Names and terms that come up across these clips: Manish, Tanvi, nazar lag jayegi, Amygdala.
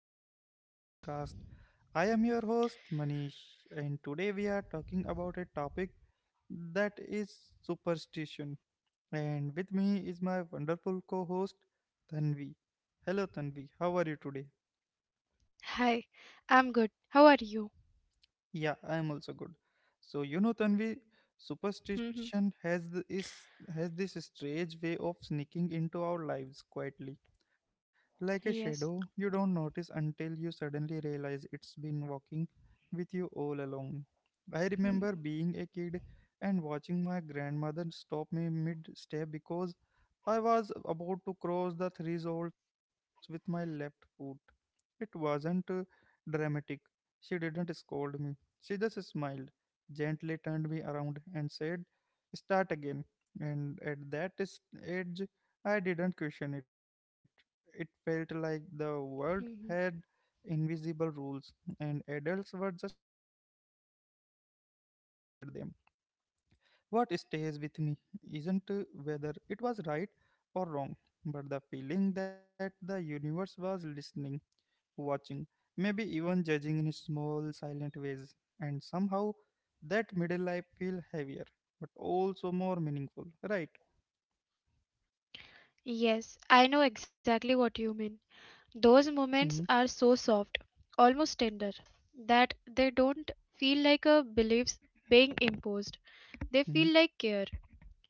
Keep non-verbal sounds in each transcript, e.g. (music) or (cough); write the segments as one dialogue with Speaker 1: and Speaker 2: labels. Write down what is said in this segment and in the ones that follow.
Speaker 1: welcome to the podcast. I am your host, Manish, and today we are talking about a topic that is superstition. And with me is my wonderful co host, Tanvi. Hello, Tanvi, how are you today?
Speaker 2: Hi, I'm good. How are you?
Speaker 1: Yeah, I am also good. So, you know, Tanvi,
Speaker 2: Mhm.
Speaker 1: superstition has this strange way of sneaking into our lives quietly. Like a
Speaker 2: Yes.
Speaker 1: shadow, you don't notice until you suddenly realize it's been walking with you all along. I
Speaker 2: Mhm.
Speaker 1: remember being a kid and watching my grandmother stop me mid step because I was about to cross the threshold with my left foot. It wasn't dramatic. She didn't scold me. She just smiled, gently turned me around, and said, "Start again." And at that age, I didn't question it. It felt like the world had
Speaker 2: Mhm.
Speaker 1: invisible rules, and adults were just helping us navigate them. What stays with me isn't whether it was right or wrong, but the feeling that the universe was listening, watching, maybe even judging in small, silent ways. And somehow that middle life feel heavier, but also more meaningful, right?
Speaker 2: Yes, I know exactly what you mean.
Speaker 1: Mm-hmm,
Speaker 2: Those moments are so soft, almost tender, that they don't feel like a beliefs being imposed.
Speaker 1: mm-hmm,
Speaker 2: They feel like care.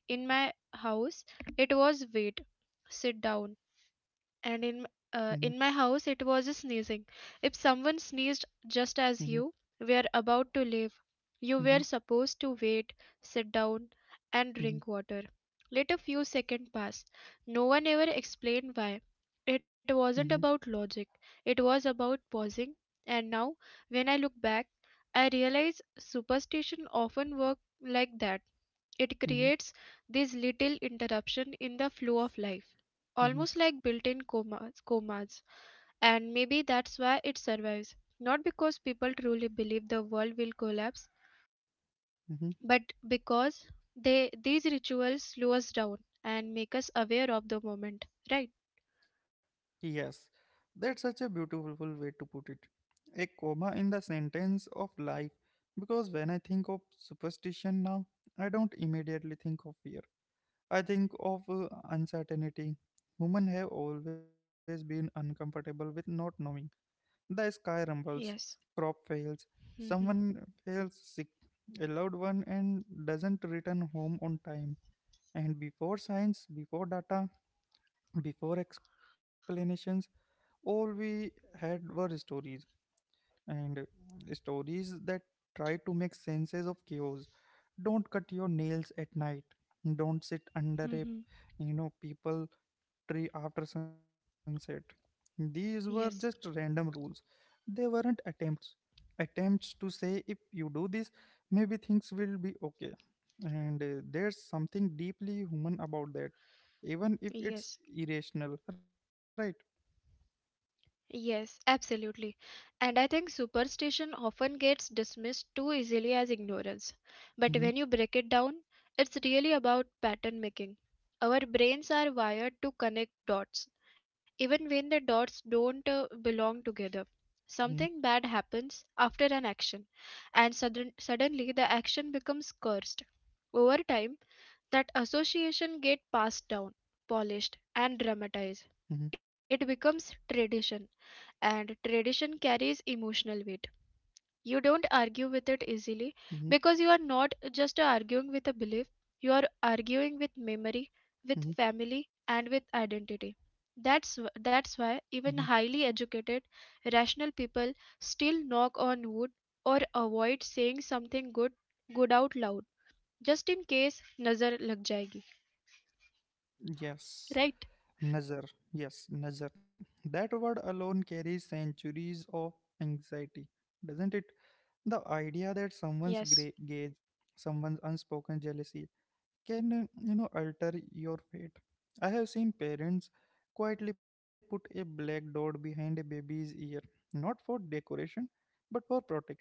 Speaker 2: In my house, it was wait, sit down,
Speaker 1: mm-hmm,
Speaker 2: and in my house it was sneezing. If someone sneezed just as you were about to
Speaker 1: mm-hmm,
Speaker 2: leave, you were supposed to wait, sit
Speaker 1: mm-hmm,
Speaker 2: down,
Speaker 1: mm-hmm,
Speaker 2: and drink water. Let a few seconds pass. No one ever explained why.
Speaker 1: mm-hmm,
Speaker 2: It wasn't about logic. It was about pausing. And now, when I look back, I realize superstition often worked like that.
Speaker 1: mm-hmm, mm-hmm.
Speaker 2: It creates this little interruption in the flow of life, almost like built-in comas. And maybe that's why it survives, not because people truly believe the world will collapse,
Speaker 1: Mm-hmm.
Speaker 2: but because they these rituals slow us down and make us aware of the moment, right?
Speaker 1: Yes, that's such a beautiful way to put it. A comma in the sentence of life, because when I think of superstition now, I don't immediately think of fear. I think of uncertainty. Women have always been uncomfortable with not knowing. The sky rumbles, crop
Speaker 2: Yes.
Speaker 1: fails,
Speaker 2: Hmm.
Speaker 1: someone fails sick, a loved one and doesn't return home on time. And before science, before data, before explanations, all we had were stories, and stories that try to make senses of chaos. Don't cut your nails at night, don't sit under a
Speaker 2: Hmm.
Speaker 1: people tree after sunset. These were just random rules,
Speaker 2: Yes.
Speaker 1: they weren't attempts to say if you do this maybe things will be okay. And there's something deeply human about that, even if it's
Speaker 2: Yes.
Speaker 1: irrational, right?
Speaker 2: Yes, absolutely. And I think superstition often gets dismissed too easily as ignorance.
Speaker 1: Mm-hmm,
Speaker 2: But when you break it down, it's really about pattern making. Our
Speaker 1: mm-hmm,
Speaker 2: brains are wired to connect dots, even when the dots don't belong together. Something bad happens after an action, and suddenly the action becomes cursed. Over time, that association get passed down, polished, and
Speaker 1: mm-hmm,
Speaker 2: dramatized. It becomes tradition, and tradition carries emotional weight. You don't argue with
Speaker 1: mm-hmm,
Speaker 2: it easily because you are not just arguing with a belief, you are arguing with
Speaker 1: mm-hmm,
Speaker 2: memory, with family, and with identity. That's why
Speaker 1: mm-hmm.
Speaker 2: even highly educated, rational people still knock on wood or avoid saying something good out loud, just in case nazar lag jayegi.
Speaker 1: Yes,
Speaker 2: Right?
Speaker 1: Nazar. Yes, Nazar. That word alone carries centuries of anxiety, doesn't it? The idea that
Speaker 2: Yes.
Speaker 1: gauge, someone's unspoken jealousy can alter your fate. I have seen parents quietly put a black dot behind a baby's ear, not for decoration, but for protection.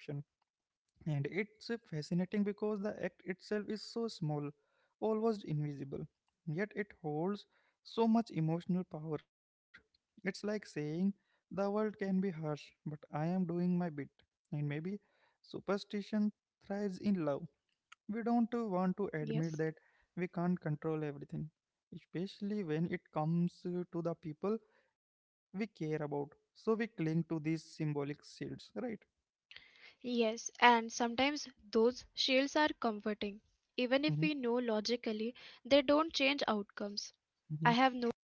Speaker 1: And it's fascinating because the act itself is so small, almost invisible, yet it holds so much emotional power. It's like saying, "The world can be harsh, but I am doing my bit." And maybe superstition thrives in love. We don't want to
Speaker 2: Yes.
Speaker 1: admit that we can't control everything, especially when it comes to the people we care about. So we cling to these symbolic shields, right?
Speaker 2: Yes, and sometimes those shields are comforting. Even
Speaker 1: Hmm,
Speaker 2: if we know logically they don't change outcomes. I have noticed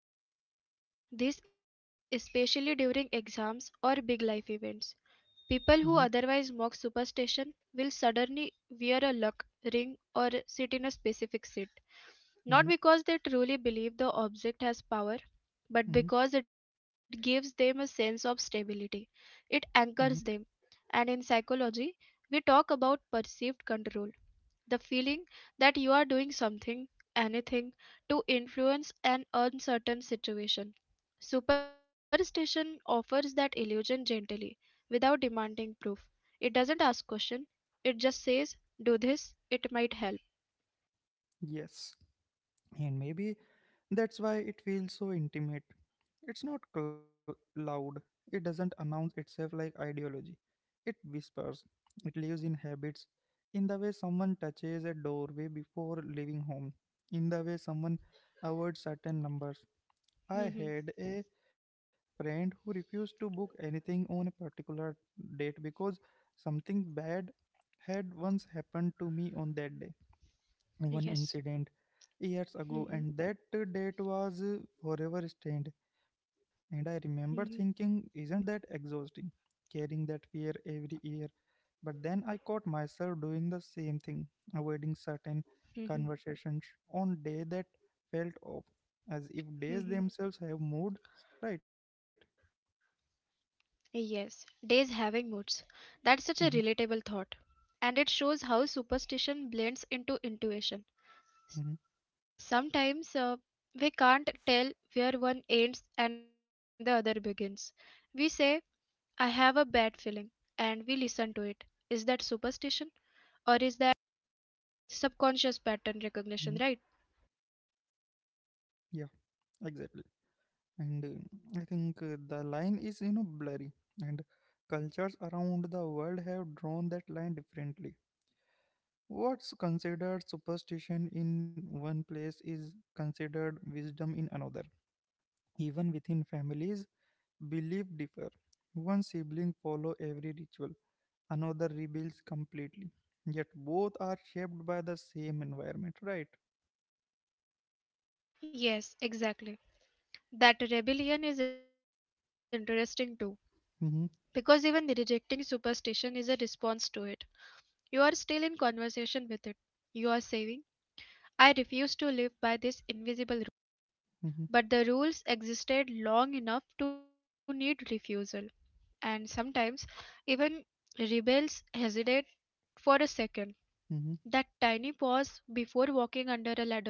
Speaker 2: this especially during exams or big life events. People who
Speaker 1: hmm,
Speaker 2: otherwise mock superstition will suddenly wear a luck ring or sit in a specific seat,
Speaker 1: hmm,
Speaker 2: not because they truly believe the object has power, but
Speaker 1: hmm,
Speaker 2: because it gives them a sense of stability. It anchors
Speaker 1: hmm.
Speaker 2: them. And in psychology, we talk about perceived control, the feeling that you are doing something, anything, to influence an uncertain situation. Superstition offers that illusion gently, without demanding proof. It doesn't ask question. It just says, "Do this. It might help."
Speaker 1: Yes. And maybe that's why it feels so intimate. It's not loud, it doesn't announce itself like ideology. It whispers, it lives in habits, in the way someone touches a doorway before leaving home, in the way someone avoids certain numbers. I
Speaker 2: Mhm.
Speaker 1: had a friend who refused to book anything on a particular date because something bad had once happened to me on that day. One
Speaker 2: Yes.
Speaker 1: incident years ago,
Speaker 2: Mhm.
Speaker 1: and that date was forever stained. And I
Speaker 2: Mhm,
Speaker 1: remember thinking, isn't that exhausting? Carrying that fear every year. But then I caught myself doing the same thing, avoiding certain
Speaker 2: mhm,
Speaker 1: conversations on day that felt off, as if days
Speaker 2: mhm.
Speaker 1: themselves have moved. Right.
Speaker 2: Yes, days having moods. That's such a relatable
Speaker 1: Mm-hmm,
Speaker 2: thought. And it shows how superstition blends into intuition. S-
Speaker 1: mm-hmm,
Speaker 2: Sometimes we can't tell where one ends and the other begins. We say,
Speaker 1: mm-hmm,
Speaker 2: I have a bad feeling, and we listen to it. Is that superstition? Or is that subconscious
Speaker 1: mm-hmm.
Speaker 2: pattern recognition, right?
Speaker 1: Yeah, exactly. And I think the line is blurry, and cultures around the world have drawn that line differently. What's considered superstition in one place is considered wisdom in another. Even within families, belief differ. One sibling follow every ritual, another rebels completely, yet both are shaped by the same environment, right?
Speaker 2: Yes, exactly. That rebellion is interesting too, because even
Speaker 1: Mm-hmm,
Speaker 2: rejecting superstition is a response to it. You are still in conversation with it. You are saying, I refuse to live by this invisible rule.
Speaker 1: mm-hmm,
Speaker 2: But the rules existed long enough to need refusal. And sometimes even rebels hesitate for a second.
Speaker 1: mm-hmm,
Speaker 2: That tiny pause before walking under a ladder,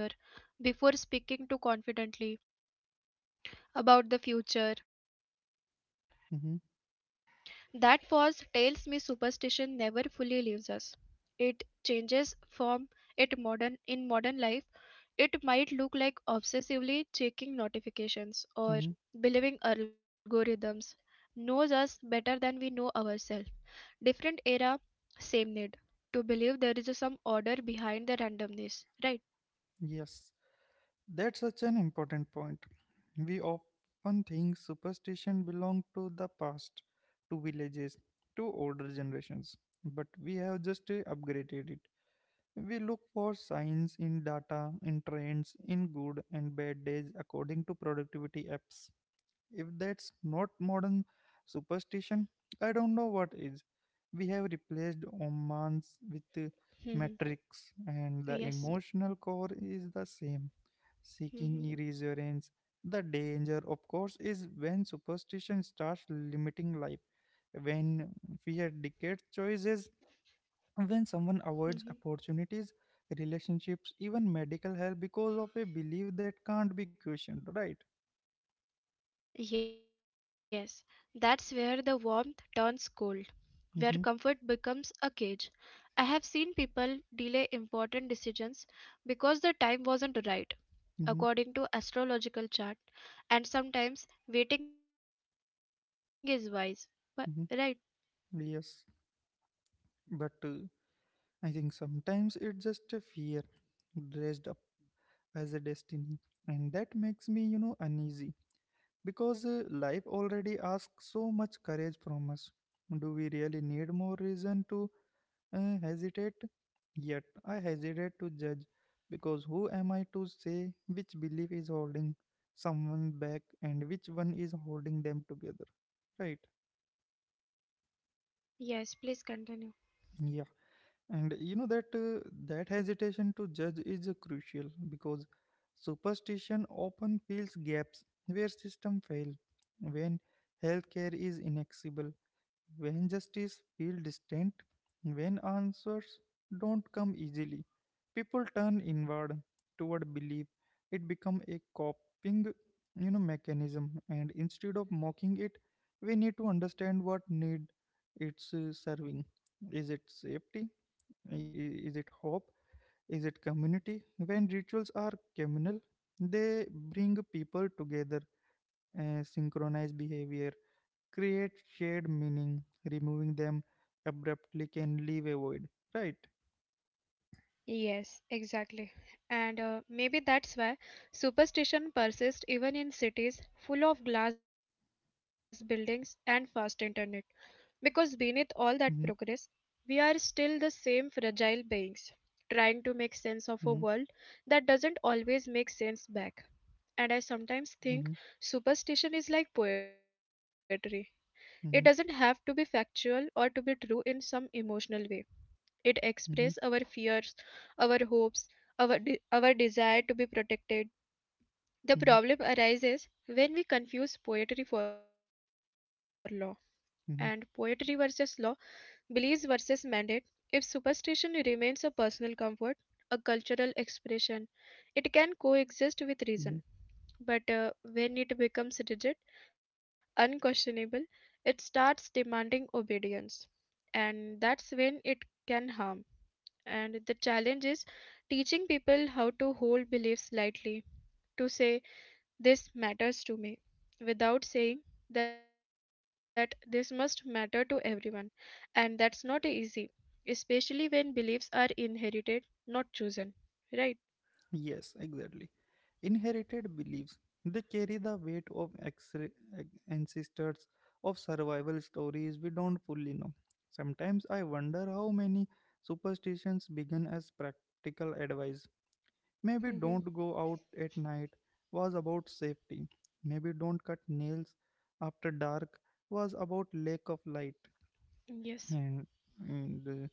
Speaker 2: before speaking too confidently about the future.
Speaker 1: mm-hmm,
Speaker 2: That pause tells me superstition never fully leaves us. It changes form. It modern in modern life it might look like obsessively checking notifications
Speaker 1: mm-hmm.
Speaker 2: or believing algorithms knows us better than we know ourselves. Different era, same need to believe there is some order behind the randomness, right?
Speaker 1: Yes. That's such an important point. We often think superstition belong to the past, to villages, to older generations, but we have just upgraded it. We look for signs in data, in trends, in good and bad days according to productivity apps. If that's not modern superstition, I don't know what is. We have replaced omens with metrics,
Speaker 2: Mhm.
Speaker 1: and the emotional core
Speaker 2: Yes.
Speaker 1: is the same. Seeking reassurance.
Speaker 2: Mhm.
Speaker 1: The danger, of course, is when superstition starts limiting life, when fear dictates choices, when someone avoids
Speaker 2: Mhm.
Speaker 1: opportunities, relationships, even medical help because of a belief that can't be questioned, right?
Speaker 2: Yes, that's where the warmth turns cold,
Speaker 1: Mm-hmm,
Speaker 2: where comfort becomes a cage. I have seen people delay important decisions because the time wasn't right,
Speaker 1: mm-hmm,
Speaker 2: according to astrological chart, and sometimes waiting is wise, but right.
Speaker 1: mm-hmm. Yes. But I think sometimes it's just a fear dressed up as a destiny. And that makes me uneasy because life already asks so much courage from us. Do we really need more reason to hesitate? Yet I hesitate to judge because who am I to say which belief is holding someone back and which one is holding them together? Right?
Speaker 2: Yes, please continue.
Speaker 1: Yeah. And you know that hesitation to judge is crucial, because superstition often fills gaps where system fail, when healthcare is inaccessible, when justice feels distant, when answers don't come easily. People turn inward toward belief. It becomes a coping mechanism. And instead of mocking it, we need to understand what need it's serving. Is it safety? I- Is it hope? Is it community? When rituals are communal, they bring people together, synchronize behavior, create shared meaning. Removing them abruptly can leave a void, right?
Speaker 2: Yes, exactly. And maybe that's why superstition persists even in cities full of glass buildings and fast internet. Because beneath
Speaker 1: Mm-hmm,
Speaker 2: all that progress, we are still the same fragile beings, trying to make sense of a
Speaker 1: mm-hmm,
Speaker 2: world that doesn't always make sense back. And I sometimes think superstition is like poetry. It doesn't have to be
Speaker 1: mm-hmm,
Speaker 2: factual or to be true in some emotional way. It expresses our
Speaker 1: mm-hmm,
Speaker 2: fears, our hopes, our desire to be protected. The
Speaker 1: mm-hmm,
Speaker 2: problem arises when we confuse poetry for law, and poetry versus
Speaker 1: mm-hmm,
Speaker 2: law, beliefs versus mandate. If superstition remains a
Speaker 1: mm-hmm,
Speaker 2: personal comfort, a cultural expression, it can
Speaker 1: mm-hmm.
Speaker 2: coexist with reason. But when it becomes rigid, unquestionable, it starts demanding obedience. And that's when it can harm. And the challenge is teaching people how to hold beliefs lightly, to say, This matters to me, without saying that this must matter to everyone. And that's not easy, especially when beliefs are inherited, not chosen. Right?
Speaker 1: Yes, exactly. Inherited beliefs. They carry the weight of ancestors, of survival stories we don't fully know. Sometimes I wonder how many superstitions began as practical advice. Maybe
Speaker 2: Hmm.
Speaker 1: "don't go out at night" was about safety. Maybe "don't cut nails after dark" was about lack of light,
Speaker 2: Yes.
Speaker 1: and and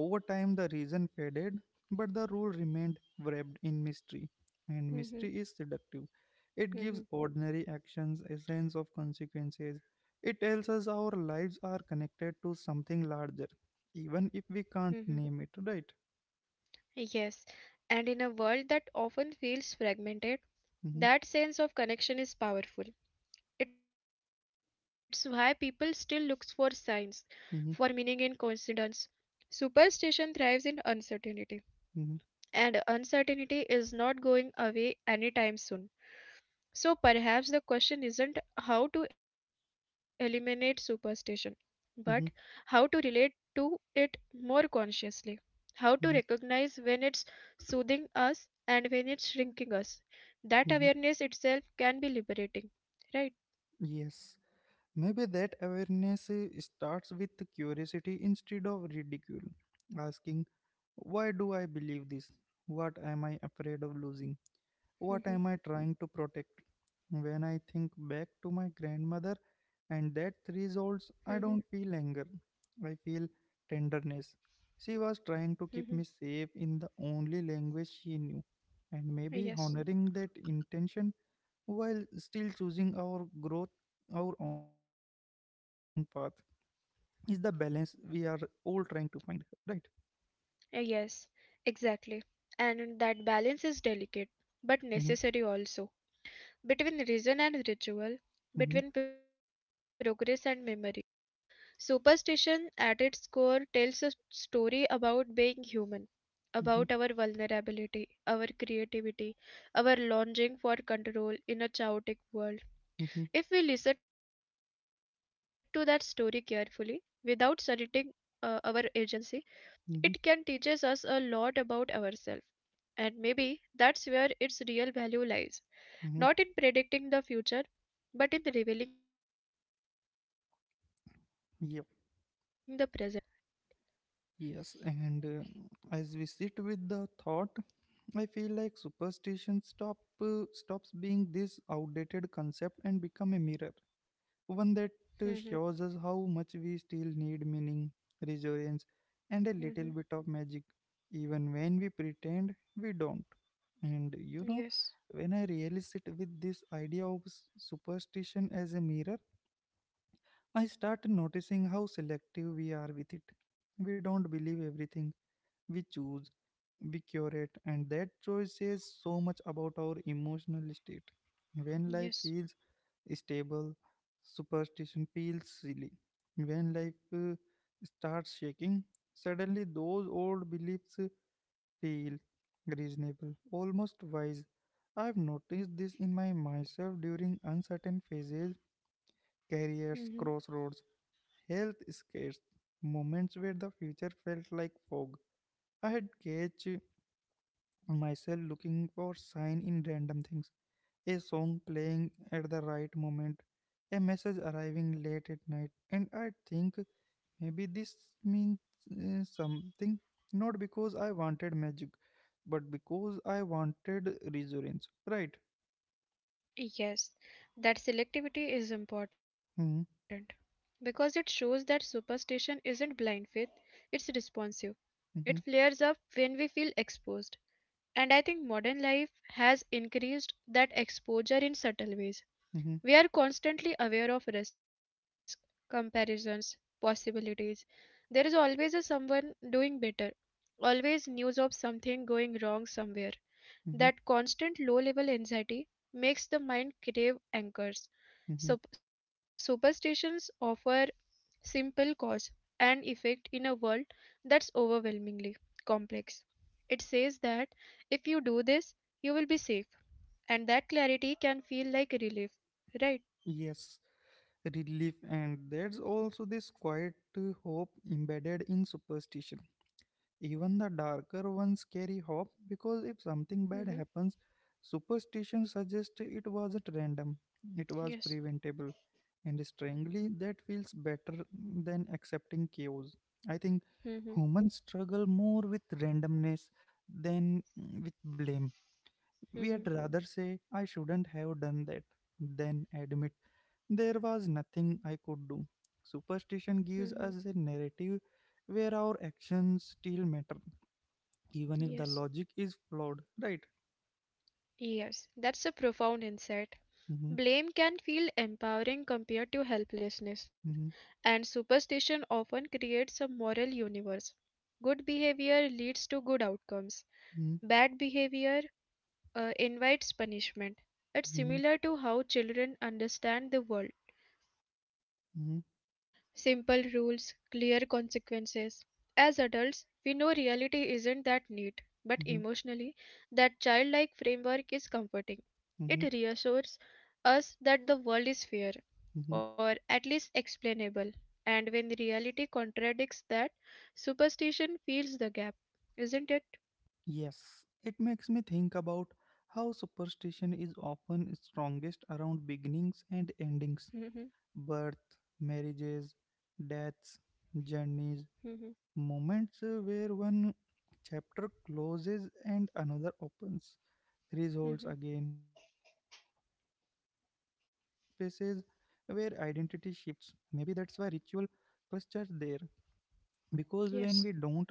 Speaker 1: over time the reason faded, but the rule remained wrapped in mystery, and
Speaker 2: Hmm.
Speaker 1: mystery is seductive. It
Speaker 2: Hmm.
Speaker 1: gives ordinary actions a sense of consequences. It tells us our lives are connected to something larger, even if we
Speaker 2: Hmm.
Speaker 1: can't name it, right?
Speaker 2: Yes, and in a world that often feels fragmented,
Speaker 1: Mm-hmm,
Speaker 2: that sense of connection is powerful. It's why people still looks for signs, for meaning in
Speaker 1: mm-hmm,
Speaker 2: coincidence. Superstition thrives in uncertainty,
Speaker 1: mm-hmm,
Speaker 2: and uncertainty is not going away anytime soon. So perhaps the question isn't how to eliminate superstition, but how to
Speaker 1: mm-hmm,
Speaker 2: relate to it more consciously, how to
Speaker 1: mm-hmm,
Speaker 2: recognize when it's soothing us and when it's shrinking us. That
Speaker 1: mm-hmm.
Speaker 2: awareness itself can be liberating, right?
Speaker 1: Yes. Maybe that awareness starts with curiosity instead of ridicule, asking, "Why do I believe this? What am I afraid of losing? What
Speaker 2: Mhm,
Speaker 1: am I trying to protect?" When I think back to my grandmother and that
Speaker 2: mhm,
Speaker 1: results, I don't feel anger. I feel tenderness. She was
Speaker 2: mhm.
Speaker 1: trying to keep me safe in the only language she knew, and
Speaker 2: Yes.
Speaker 1: maybe honoring that intention while still choosing our growth, our own path, is the balance we are all trying to find, right?
Speaker 2: Yes, exactly. And that balance is delicate, but
Speaker 1: Mm-hmm,
Speaker 2: necessary also, between reason and ritual,
Speaker 1: mm-hmm,
Speaker 2: between progress and memory. Superstition, at its core, tells a story about being human,
Speaker 1: mm-hmm,
Speaker 2: about our vulnerability, our creativity, our longing for control in a chaotic world.
Speaker 1: mm-hmm,
Speaker 2: If we listen to that story carefully, without surrendering our agency, it can teach
Speaker 1: mm-hmm,
Speaker 2: us a lot about ourselves. And maybe that's where its real value lies. Not
Speaker 1: mm-hmm.
Speaker 2: in predicting the future, but in revealing the present. Right?
Speaker 1: Yep. Yes, and as we sit with the thought, I feel like superstition stops being this outdated concept and become a mirror,
Speaker 2: Mm-hmm.
Speaker 1: one that shows us how much we still need meaning, resilience,
Speaker 2: Mm-hmm.
Speaker 1: and a little bit of magic, even when we pretend we don't. And you know,
Speaker 2: Yes.
Speaker 1: when I really sit with this idea of superstition as a mirror, I start noticing how selective we are with it. We don't believe everything, we choose, we curate, and that choice says so much about our emotional state. When life
Speaker 2: Yes.
Speaker 1: feels stable, superstition feels silly. When life starts shaking, suddenly those old beliefs feel reasonable, almost wise. I've noticed this in my myself during uncertain phases, careers, crossroads, health scares, moments where the future felt like fog. I had catch myself looking for sign in random things: a song playing at the right moment, a message arriving late at night, and I think maybe this means something, not because I wanted magic, but because I wanted reassurance, right?
Speaker 2: Yes, that selectivity is important
Speaker 1: Hmm.
Speaker 2: because it shows that superstition isn't blind faith, it's responsive. It
Speaker 1: Hmm,
Speaker 2: flares up when we feel exposed. And I think modern life has increased that exposure in subtle ways.
Speaker 1: hmm,
Speaker 2: We are constantly aware of risk, comparisons, possibilities. There is always a someone doing better, always news of something going wrong somewhere.
Speaker 1: hmm,
Speaker 2: That constant low level anxiety makes the mind crave anchors.
Speaker 1: hmm.
Speaker 2: Superstitions offer simple cause and effect in a world that's overwhelmingly complex. It says that if you do this, you will be safe, and that clarity can feel like relief, right?
Speaker 1: Yes, relief, and there's also this quiet hope embedded in superstition. Even the darker ones carry hope because if something bad
Speaker 2: Mm-hmm.
Speaker 1: happens, superstition suggests it wasn't random, it was
Speaker 2: Yes.
Speaker 1: preventable. And strangely, that feels better than accepting chaos. I think
Speaker 2: Mm-hmm.
Speaker 1: humans struggle more with randomness than with blame.
Speaker 2: Mm-hmm.
Speaker 1: We'd rather say, "I shouldn't have done that," than admit there was nothing I could do. Superstition
Speaker 2: Mm-hmm.
Speaker 1: gives us a narrative where our actions still matter, even if the
Speaker 2: Yes.
Speaker 1: logic is flawed, right?
Speaker 2: Yes, that's a profound insight.
Speaker 1: Mhm,
Speaker 2: Blame can feel empowering compared to helplessness,
Speaker 1: mhm,
Speaker 2: and superstition often creates a moral universe. Good behavior leads to good outcomes,
Speaker 1: mhm,
Speaker 2: bad behavior invites punishment. It's
Speaker 1: mhm,
Speaker 2: similar to how children understand the world.
Speaker 1: mhm,
Speaker 2: Simple rules, clear consequences. As adults, we know reality isn't that neat, but
Speaker 1: mhm,
Speaker 2: emotionally, that childlike framework is comforting.
Speaker 1: mhm,
Speaker 2: It reassures us that the world is fair,
Speaker 1: mhm.
Speaker 2: or at least explainable, and when reality contradicts that, superstition fills the gap, isn't it?
Speaker 1: Yes, it makes me think about how superstition is often strongest around beginnings and endings:
Speaker 2: Hmm.
Speaker 1: birth, marriages, deaths, journeys,
Speaker 2: Hmm.
Speaker 1: moments where one chapter closes and another opens.
Speaker 2: Hmm.
Speaker 1: Thresholds again, those liminal spaces where identity shifts. Maybe that's why ritual clusters there, because when we
Speaker 2: Yes.
Speaker 1: don't know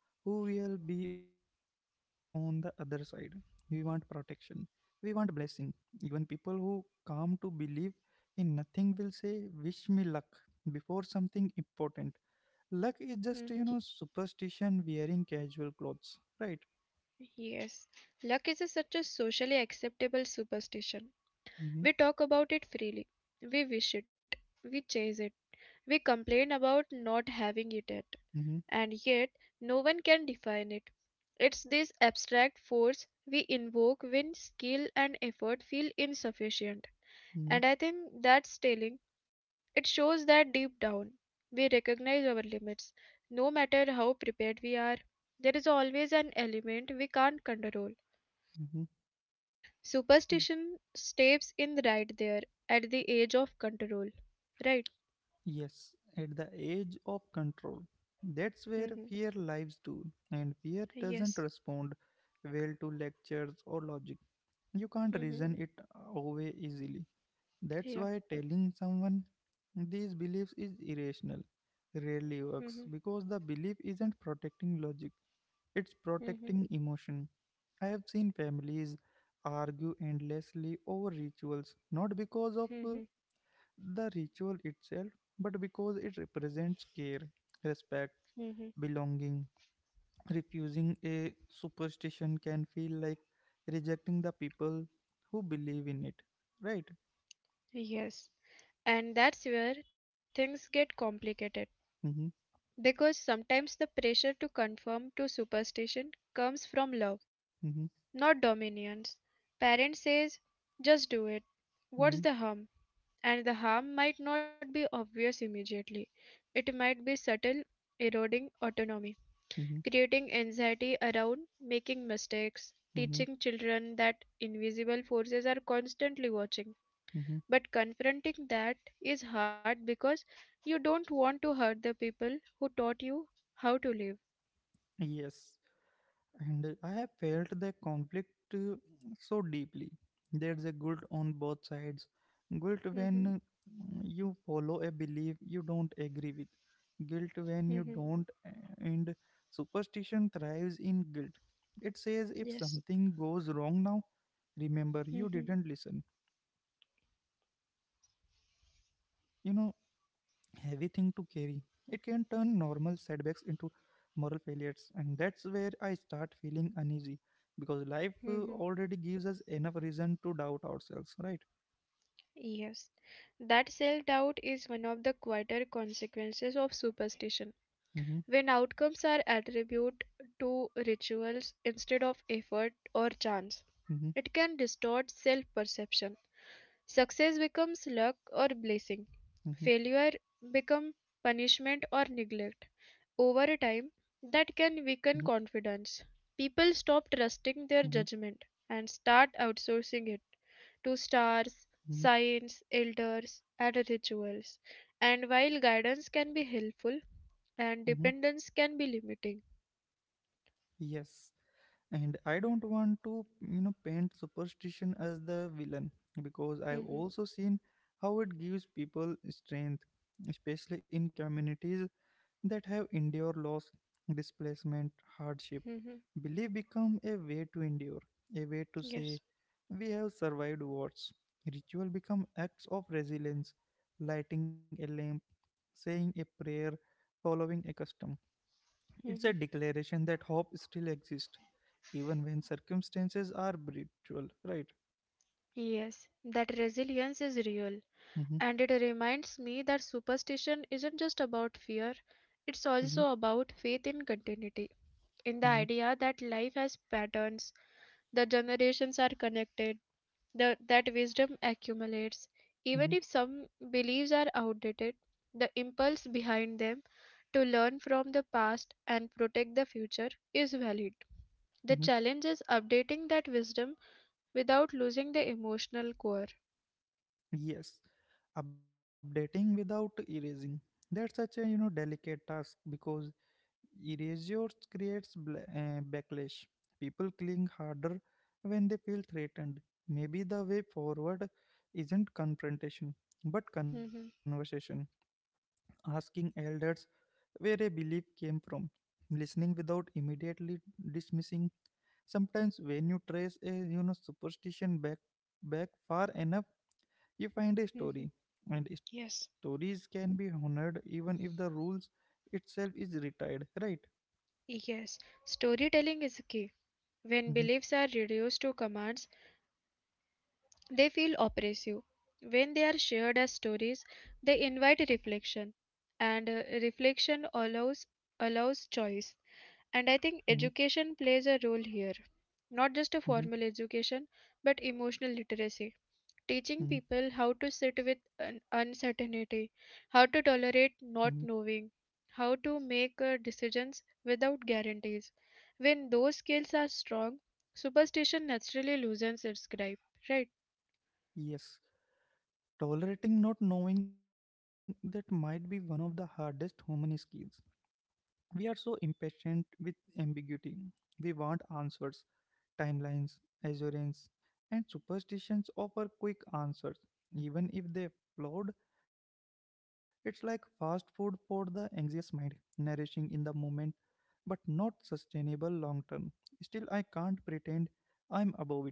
Speaker 1: who will be on the other side, we want protection, we want blessing. Even people who come to believe in nothing will say, "Wish me luck" before something important. Luck is just,
Speaker 2: Hmm.
Speaker 1: you know, superstition wearing casual clothes, right?
Speaker 2: Yes. Luck is a, such a socially acceptable superstition.
Speaker 1: Mm-hmm,
Speaker 2: We talk about it freely. We wish it. We chase it. We complain about not having it yet.
Speaker 1: mm-hmm,
Speaker 2: And yet, no one can define it. It's this abstract force we invoke when skill and effort feel insufficient.
Speaker 1: mm-hmm,
Speaker 2: And I think that's telling. It shows that deep down, we recognize our limits. No matter how prepared we are, there is always an element we can't control.
Speaker 1: mm-hmm. Yes.
Speaker 2: Superstition steps in right there at the age of control, right?
Speaker 1: Yes, at the age of control. That's where
Speaker 2: Mm-hmm.
Speaker 1: fear lives too, and fear doesn't
Speaker 2: Yes.
Speaker 1: respond well to lectures or logic. You can't
Speaker 2: Mm-hmm.
Speaker 1: reason it away easily. That's
Speaker 2: Yeah.
Speaker 1: why telling someone these beliefs is irrational rarely
Speaker 2: Mm-hmm.
Speaker 1: works, because the belief isn't protecting logic, it's
Speaker 2: Mm-hmm.
Speaker 1: protecting emotion. I have seen families argue endlessly over rituals, not because of
Speaker 2: Mm-hmm.
Speaker 1: the ritual itself, but because it represents care, respect,
Speaker 2: Mm-hmm.
Speaker 1: belonging. Refusing a superstition can feel like rejecting the people who believe in it, right?
Speaker 2: Yes. And that's where things get complicated
Speaker 1: Mm-hmm,
Speaker 2: because sometimes the pressure to conform to superstition comes from love,
Speaker 1: mm-hmm,
Speaker 2: not dominance. Parent says, just do it. What's
Speaker 1: mm-hmm,
Speaker 2: the harm? And the harm might not be obvious immediately. It might be subtle, eroding autonomy,
Speaker 1: mm-hmm,
Speaker 2: creating anxiety around making mistakes,
Speaker 1: mm-hmm,
Speaker 2: teaching children that invisible forces are constantly watching.
Speaker 1: mm-hmm.
Speaker 2: But confronting that is hard because you don't want to hurt the people who taught you how to live.
Speaker 1: Yes, and I have felt the conflict so deeply. There's a guilt on both sides. Guilt
Speaker 2: Mhm,
Speaker 1: when you follow a belief you don't agree with, guilt when you
Speaker 2: mhm,
Speaker 1: don't, and superstition thrives in guilt. It says if
Speaker 2: yes.
Speaker 1: something goes wrong now, remember you
Speaker 2: Mhm,
Speaker 1: didn't listen, and that's a you know heavy thing to carry. It can turn normal setbacks into moral failures, and that's where I start feeling uneasy because life
Speaker 2: mhm,
Speaker 1: already gives us enough reason to doubt ourselves, right?
Speaker 2: yes. That self doubt is one of the quieter consequences of superstition.
Speaker 1: Mm-hmm,
Speaker 2: When outcomes are attributed to rituals instead of effort or chance,
Speaker 1: mm-hmm,
Speaker 2: it can distort self perception. Success becomes luck or blessing,
Speaker 1: mm-hmm,
Speaker 2: failure becomes punishment or neglect. Over time,
Speaker 1: mm-hmm,
Speaker 2: that can weaken confidence. People stop
Speaker 1: mm-hmm,
Speaker 2: trusting their judgment and start outsourcing it to stars,
Speaker 1: mm-hmm,
Speaker 2: signs, elders, and rituals. And while guidance can be helpful, and
Speaker 1: mm-hmm.
Speaker 2: dependence can be limiting.
Speaker 1: Yes, and I don't want to, paint superstition as the villain because I've
Speaker 2: Mhm,
Speaker 1: also seen how it gives people strength, especially in communities that have endured loss, displacement, hardship.
Speaker 2: mhm,
Speaker 1: Belief become a way to endure, a way to say
Speaker 2: yes.
Speaker 1: we have survived wars. Ritual become acts of resilience, lighting a lamp, saying a prayer, following a custom. It's a
Speaker 2: Mhm.
Speaker 1: declaration that hope still exists, even when circumstances are brutal. Right?
Speaker 2: Yes, that resilience is real.
Speaker 1: Mm-hmm,
Speaker 2: And it reminds me that superstition isn't just about fear, it's
Speaker 1: mm-hmm,
Speaker 2: also about faith in continuity, in the
Speaker 1: mm-hmm,
Speaker 2: idea that life has patterns, the generations are connected, that wisdom accumulates. Even if
Speaker 1: mm-hmm,
Speaker 2: some beliefs are outdated, the impulse behind them to learn from the past and protect the future is valid. The
Speaker 1: mm-hmm.
Speaker 2: challenge is updating that wisdom without losing the emotional core.
Speaker 1: Yes, updating without erasing. That's such a delicate task because erasure creates backlash. People cling harder when they feel threatened. Maybe the way forward isn't confrontation, but
Speaker 2: Mhm,
Speaker 1: conversation. Asking elders where a belief came from. Listening without immediately dismissing. Sometimes when you trace a superstition back far enough, you find a
Speaker 2: mhm.
Speaker 1: story. And
Speaker 2: Yes.
Speaker 1: stories can be honored even if the rules itself is retired, right?
Speaker 2: Yes, storytelling is key. When
Speaker 1: Hmm.
Speaker 2: beliefs are reduced to commands, they feel oppressive. When they are shared as stories, they invite reflection, and reflection allows choice. And I
Speaker 1: Hmm.
Speaker 2: think education plays a role here, not just a formal education, but emotional literacy
Speaker 1: Mm-hmm.
Speaker 2: teaching people how to sit with uncertainty, how to
Speaker 1: Mm-hmm.
Speaker 2: tolerate not knowing, how to make decisions without guarantees. When those skills are strong, superstition naturally loosens its grip, right?
Speaker 1: Yes, tolerating not knowing that might be one of the hardest human skills. We are so impatient with ambiguity. We want answers, timelines, assurance, and superstitions offer quick answers, even if they flawed. It's like fast food for the anxious mind, nourishing in the moment but not sustainable long term. Still, I can't pretend I'm above it.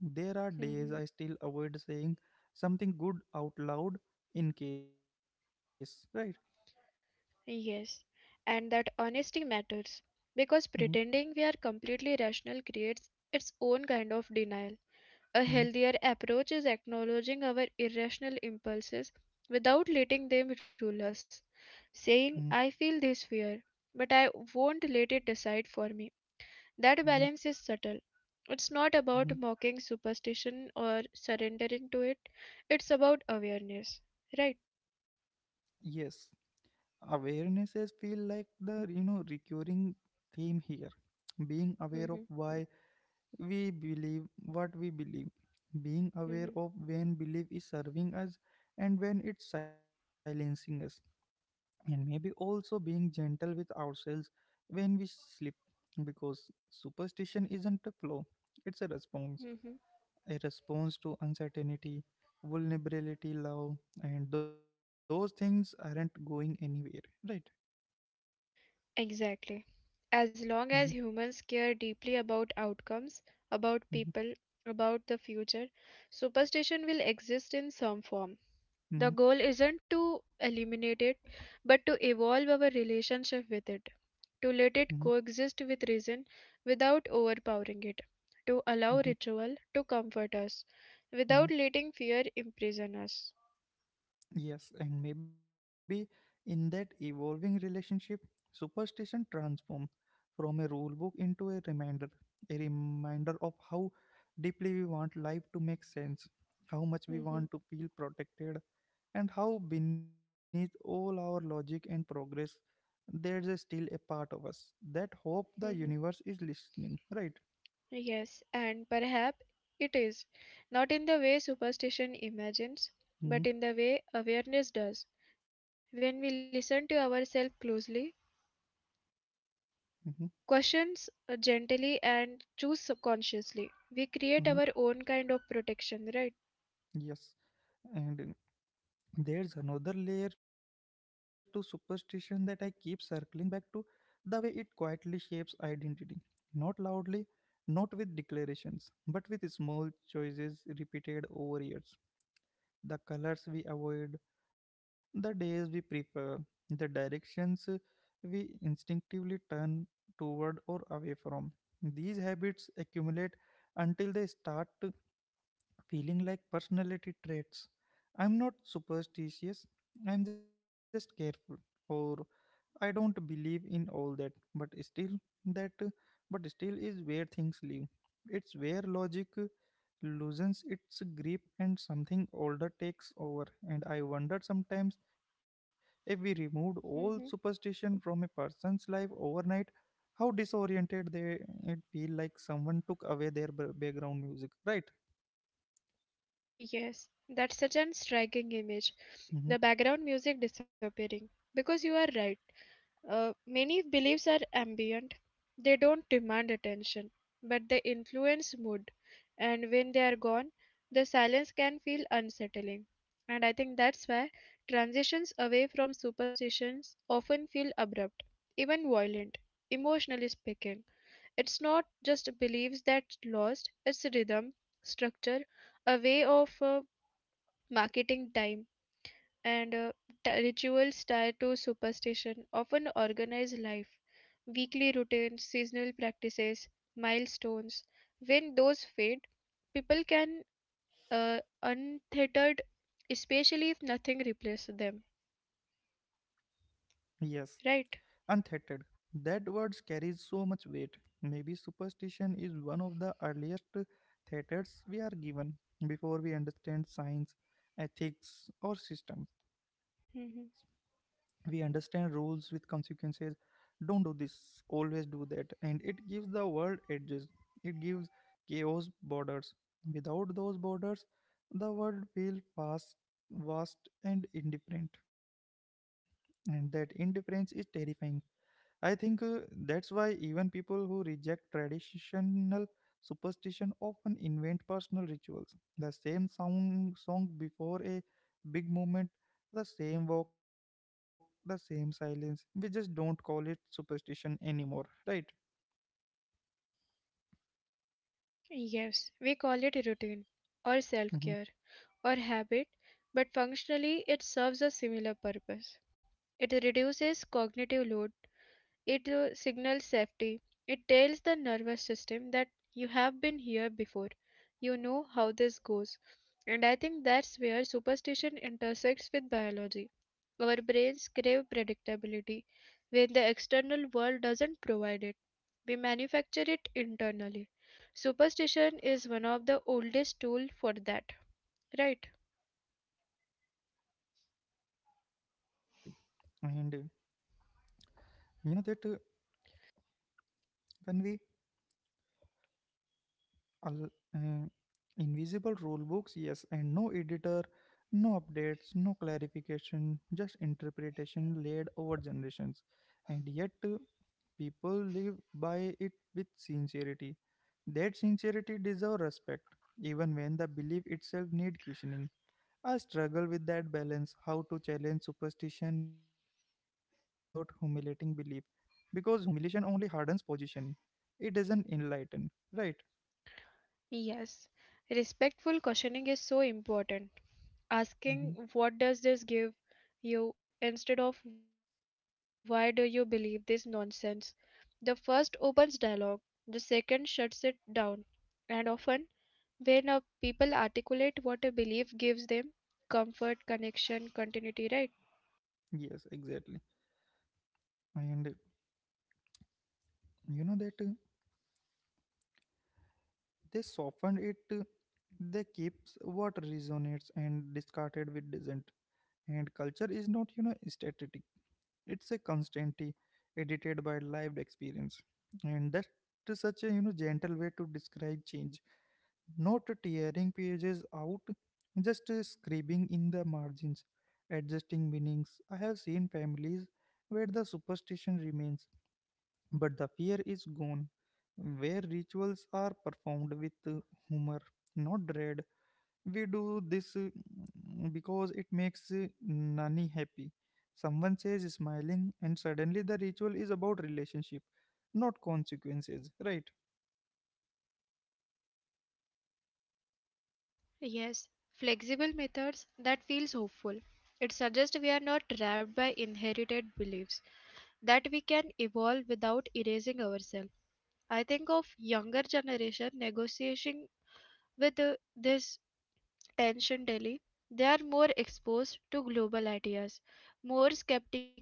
Speaker 1: There are days
Speaker 2: Mhm.
Speaker 1: I still avoid saying something good out loud in case, right?
Speaker 2: Yes, and that honesty matters because
Speaker 1: Mhm,
Speaker 2: pretending we are completely rational creates its own kind of denial. A
Speaker 1: mhm,
Speaker 2: healthier approach is acknowledging our irrational impulses without letting them rule us,
Speaker 1: mhm,
Speaker 2: saying, I feel this fear, but I won't let it decide for me.
Speaker 1: mhm,
Speaker 2: That balance is subtle. It's not
Speaker 1: mhm.
Speaker 2: about mocking superstition or surrendering to it, it's about awareness, right?
Speaker 1: Yes, awarenesses feel like the recurring theme here. Being aware of why we believe what we believe, being aware of
Speaker 2: (laughs)
Speaker 1: when belief is serving us and when it's silencing us, and maybe also being gentle with ourselves when we sleep because superstition isn't a flaw, it's a response, a response to uncertainty, vulnerability, love, and those things aren't going anywhere, right?
Speaker 2: Exactly.
Speaker 1: Mm-hmm,
Speaker 2: As long as humans care deeply about outcomes,
Speaker 1: mm-hmm,
Speaker 2: about people, about the future, superstition will exist in some form.
Speaker 1: mm-hmm,
Speaker 2: The goal isn't to eliminate it, but to evolve our relationship with it, to
Speaker 1: mm-hmm,
Speaker 2: let it coexist with reason without overpowering it, to
Speaker 1: mm-hmm,
Speaker 2: allow ritual to comfort us
Speaker 1: mm-hmm.
Speaker 2: without letting fear imprison us.
Speaker 1: Yes, and maybe in that evolving relationship, superstition transforms from a rule book into a reminder of how deeply we want life to make sense, how much we want
Speaker 2: (laughs)
Speaker 1: to feel protected, and how beneath all our logic and progress, there's a still a part of us that hope the universe is listening, right?
Speaker 2: Yes, and perhaps it is, not in the way superstition imagines,
Speaker 1: Mm-hmm,
Speaker 2: but in the way awareness does. When we listen to ourselves closely,
Speaker 1: mm-hmm,
Speaker 2: questions gently, and choose subconsciously, we
Speaker 1: mm-hmm.
Speaker 2: create our own kind of protection, right?
Speaker 1: Yes, and there's another layer to superstition that I keep circling back to, the way it quietly shapes identity. Not loudly, not with declarations, but with small choices repeated over years. The colors we avoid, the days we prefer, the directions we instinctively turn toward or away from. These habits accumulate until they start feeling like personality traits. I'm not superstitious, I'm just careful, or I don't believe in all that but still is where things live. It's where logic loosens its grip and something older takes over. And I wonder sometimes if we removed all
Speaker 2: Hmm.
Speaker 1: superstition from a person's life overnight, how disoriented they it feel like someone took away their background music, right?
Speaker 2: Yes, that's such an striking image.
Speaker 1: Mm-hmm.
Speaker 2: The background music disappearing. Because you are right. Many beliefs are ambient, they don't demand attention, but they influence mood, and when they are gone, the silence can feel unsettling. And I think that's why transitions away from superstitions often feel abrupt, even violent, emotionally speaking. It's not just beliefs that's lost, it's rhythm, structure, a way of marketing time and rituals tied to superstition often organize life, weekly routines, seasonal practices, milestones. When those fade, people can untethered, especially if nothing replaces them,
Speaker 1: Yes, untheated.
Speaker 2: right?
Speaker 1: That word carries so much weight. Maybe superstition is one of the earliest theaters we are given before we understand science, ethics, or systems. We
Speaker 2: Mhm.
Speaker 1: understand rules with consequences. Don't do this, always do that. And it gives the world edges. It gives chaos borders. Without those borders, the world feels fast, vast, and indifferent. And that indifference is terrifying. I think that's why even people who reject traditional superstition often invent personal rituals. The same sound, song before a big moment, the same walk, the same silence. We just don't call it superstition anymore, right?
Speaker 2: Yes, we call it a routine or
Speaker 1: Hmm.
Speaker 2: self care or habit, but functionally it serves a similar purpose. It reduces cognitive load. It signals safety. It tells the nervous system that you have been here before. You know how this goes. And I think that's where superstition intersects with biology. Our brains crave predictability when the external world doesn't provide it. We manufacture it internally. Superstition is one of the oldest tools for that, right?
Speaker 1: Yes, exactly. And you know that when we al- uh,
Speaker 2: Hmm.
Speaker 1: Invisible rulebooks, yes, and no editor, no updates, no clarification, just interpretation laid over generations. And yet, people live by it with sincerity. That sincerity deserves respect, even when the belief itself needs questioning. I struggle with that balance, how to challenge superstition without humiliating belief, because humiliation only hardens position, it doesn't enlighten, right?
Speaker 2: Yes. Respectful questioning is so important.
Speaker 1: Mhm.
Speaker 2: Asking what does this give you instead of why do you believe this nonsense. The first opens dialogue, the second shuts it down, and often when a people articulate what a belief gives them comfort, connection, continuity, right?
Speaker 1: Yes, exactly. And you know that they softened it, they keeps what resonates and discarded with dissent, and culture is not static, it's a constantly edited by lived experience, and that is such a gentle way to describe change, not tearing pages out, just scribbling in the margins, adjusting meanings. I have seen families where the superstition remains but the fear is gone. Where rituals are performed with humor, not dread, we do this because it makes Nani happy. Someone says smiling, and suddenly the ritual is about relationship, not consequences, right?
Speaker 2: Yes, flexible methods that feels hopeful. It suggests we are not trapped by inherited beliefs, that we can evolve without erasing ourselves. I think of younger generation negotiating with this tension daily, they are more exposed to global ideas, more skeptical,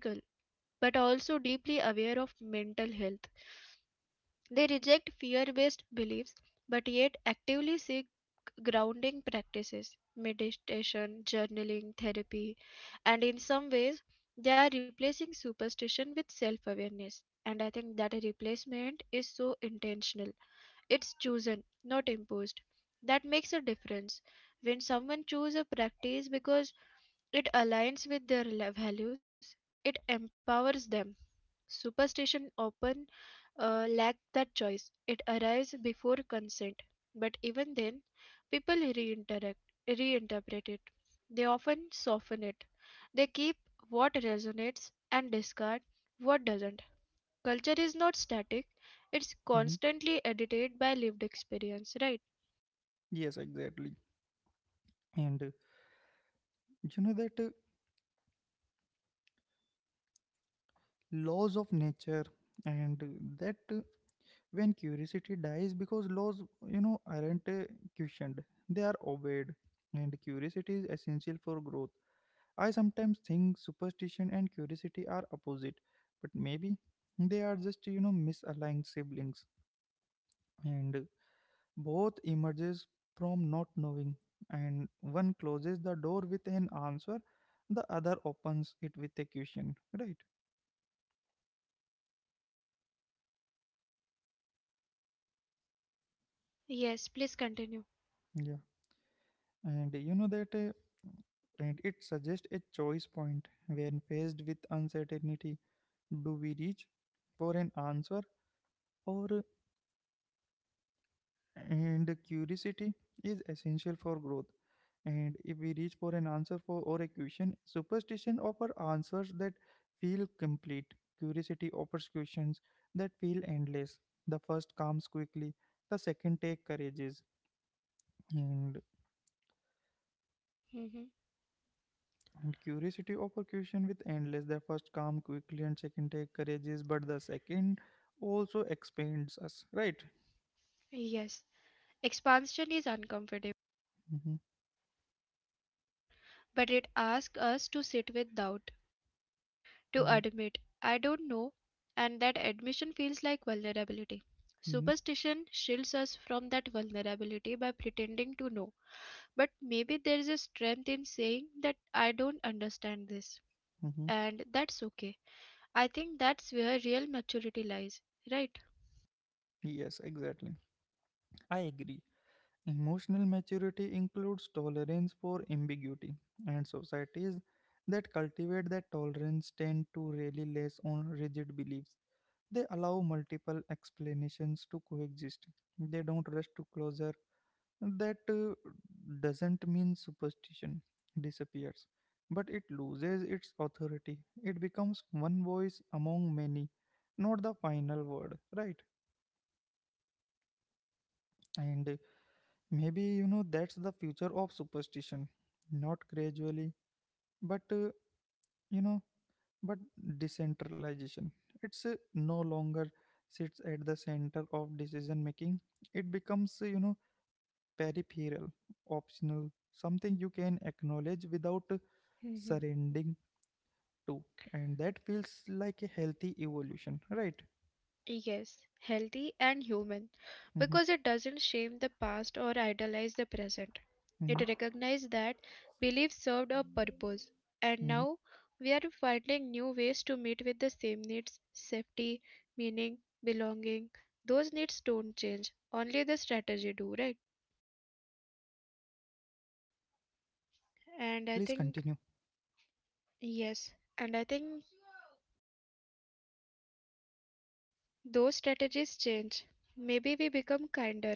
Speaker 2: but also deeply aware of mental health. They reject fear based beliefs, but yet actively seek grounding practices, meditation, journaling, therapy, and in some ways, they are replacing superstition with self awareness. And I think that a replacement is so intentional, it's chosen, not imposed. That makes a difference. When someone chooses a practice because it aligns with their values, it empowers them. Superstition often lack that choice. It arrives before consent. But even then, people reinteract, reinterpret it. They often soften it. They keep what resonates and discard what doesn't. Culture is not static, it's
Speaker 1: Hmm.
Speaker 2: constantly edited by lived experience, right?
Speaker 1: Yes, exactly. And you know that laws of nature and that when curiosity dies because laws aren't questioned, they are obeyed, and curiosity is essential for growth. I sometimes think superstition and curiosity are opposite, but maybe they are just misaligned siblings, and both emerges from not knowing, and one closes the door with an answer, the other opens it with a question, right?
Speaker 2: Yes, please continue.
Speaker 1: Yeah. And you know that and it suggests a choice point when faced with uncertainty. Do we reach for an answer or and curiosity is essential for growth. And if we reach for an answer for or a question, superstition offers answers that feel complete. Curiosity offers questions that feel endless. The first comes quickly, the second take courageous. And
Speaker 2: Hmm.
Speaker 1: And curiosity overcushion with endless. The first come quickly and second take courageous, but the second also expands us, right?
Speaker 2: Yes, expansion is uncomfortable,
Speaker 1: Hmm.
Speaker 2: but it asks us to sit with doubt, to
Speaker 1: Hmm.
Speaker 2: admit, I don't know, and that admission feels like vulnerability.
Speaker 1: Hmm.
Speaker 2: Superstition shields us from that vulnerability by pretending to know, but maybe there is a strength in saying that I don't understand this,
Speaker 1: Hmm.
Speaker 2: and that's okay. I think that's where real maturity lies, right?
Speaker 1: Yes, exactly. I agree. Emotional maturity includes tolerance for ambiguity, and societies that cultivate that tolerance tend to rely less on rigid beliefs. They allow multiple explanations to coexist. They don't rush to closure. That doesn't mean superstition disappears, but it loses its authority, it becomes one voice among many, not the final word, right? And maybe that's the future of superstition, not gradually, but you know but decentralization. It's no longer sits at the center of decision making, it becomes peripheral, optional, something you can acknowledge without
Speaker 2: Mhm.
Speaker 1: surrendering to, and that feels like a healthy evolution, right?
Speaker 2: Yes, healthy and human
Speaker 1: Mm-hmm,
Speaker 2: because it doesn't shame the past or idolize the present.
Speaker 1: mm-hmm,
Speaker 2: It recognizes that beliefs served a purpose, and
Speaker 1: mm-hmm.
Speaker 2: now we are finding new ways to meet with the same needs safety, meaning, belonging. Those needs don't change, only the strategy do, right?
Speaker 1: Yeah,
Speaker 2: And I
Speaker 1: please
Speaker 2: think,
Speaker 1: continue.
Speaker 2: yes, and I think those strategies change. Maybe we become kinder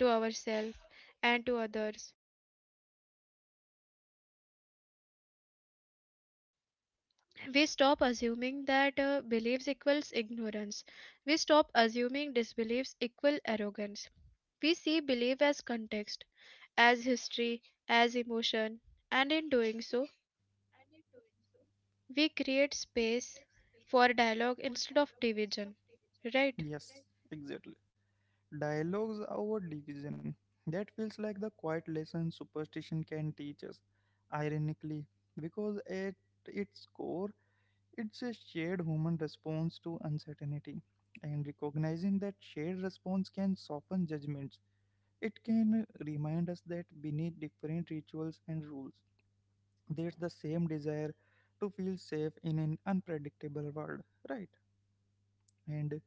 Speaker 2: to ourselves and to others we stop assuming that beliefs equals ignorance. We stop assuming disbeliefs equal arrogance. We see belief as context, as history, as emotion, and in doing so, we create space for dialogue instead of division. Right?
Speaker 1: Yes, exactly, dialogues over division, that feels like the quiet lesson superstition can teach us, ironically, because at its core it's a shared human response to uncertainty, and recognizing that shared response can soften judgments. It can remind us that beneath different rituals and rules there's the same desire to feel safe in an unpredictable world, right? And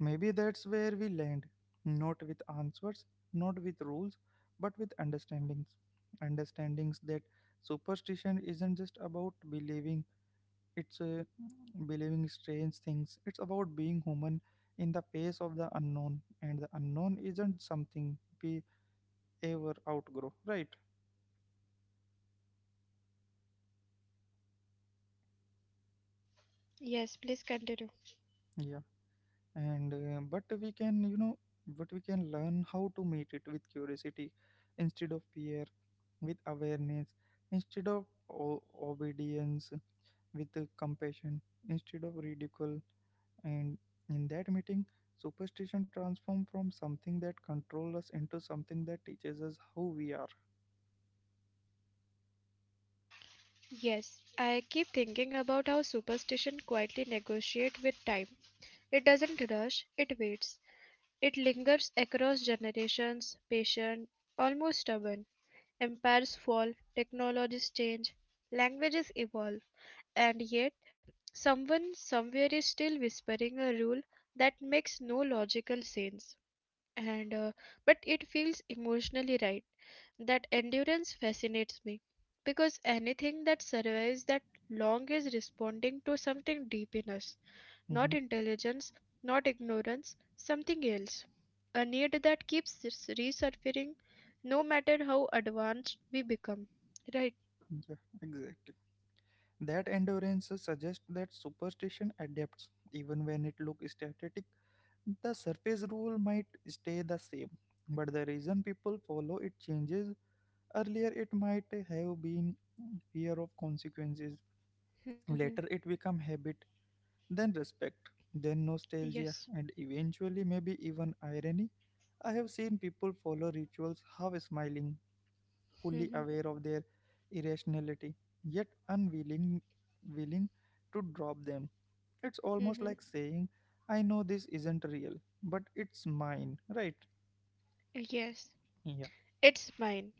Speaker 1: maybe that's where we land, not with answers, not with rules, but with understandings. Understandings that superstition isn't just about believing, it's believing strange things, it's about being human in the face of the unknown, and the unknown isn't something we ever outgrow, right?
Speaker 2: Yes, please continue.
Speaker 1: Yeah. and but we can you know but we can learn how to meet it with curiosity instead of fear, with awareness instead of obedience, with compassion instead of ridicule, and in that meeting superstition transformed from something that controls us into something that teaches us how we are.
Speaker 2: Yes, I keep thinking about how superstition quietly negotiates with time. It doesn't rush, it waits. It lingers across generations, patient, almost stubborn; empires fall, technologies change, languages evolve, and yet someone somewhere is still whispering a rule that makes no logical sense and but it feels emotionally right. That endurance fascinates me because anything that survives that long is responding to something deep in us,
Speaker 1: Hmm.
Speaker 2: not intelligence, not ignorance, something else. A need that keeps resurfacing no matter how advanced we become. Right?
Speaker 1: Yeah, exactly, that endurance suggests that superstition adapts even when it looks static. The surface rule might stay the same, but the reason people follow it changes. Earlier, it might have been fear of consequences. Later,
Speaker 2: (laughs)
Speaker 1: it become habit, then respect, then nostalgia,
Speaker 2: Yes.
Speaker 1: and eventually maybe even irony. I have seen people follow rituals half smiling, fully aware of their irrationality, yet unwilling willing to drop them. It's almost like
Speaker 2: (laughs)
Speaker 1: saying, I know this isn't real, but it's mine, right?
Speaker 2: Yes.
Speaker 1: Yeah.
Speaker 2: It's mine.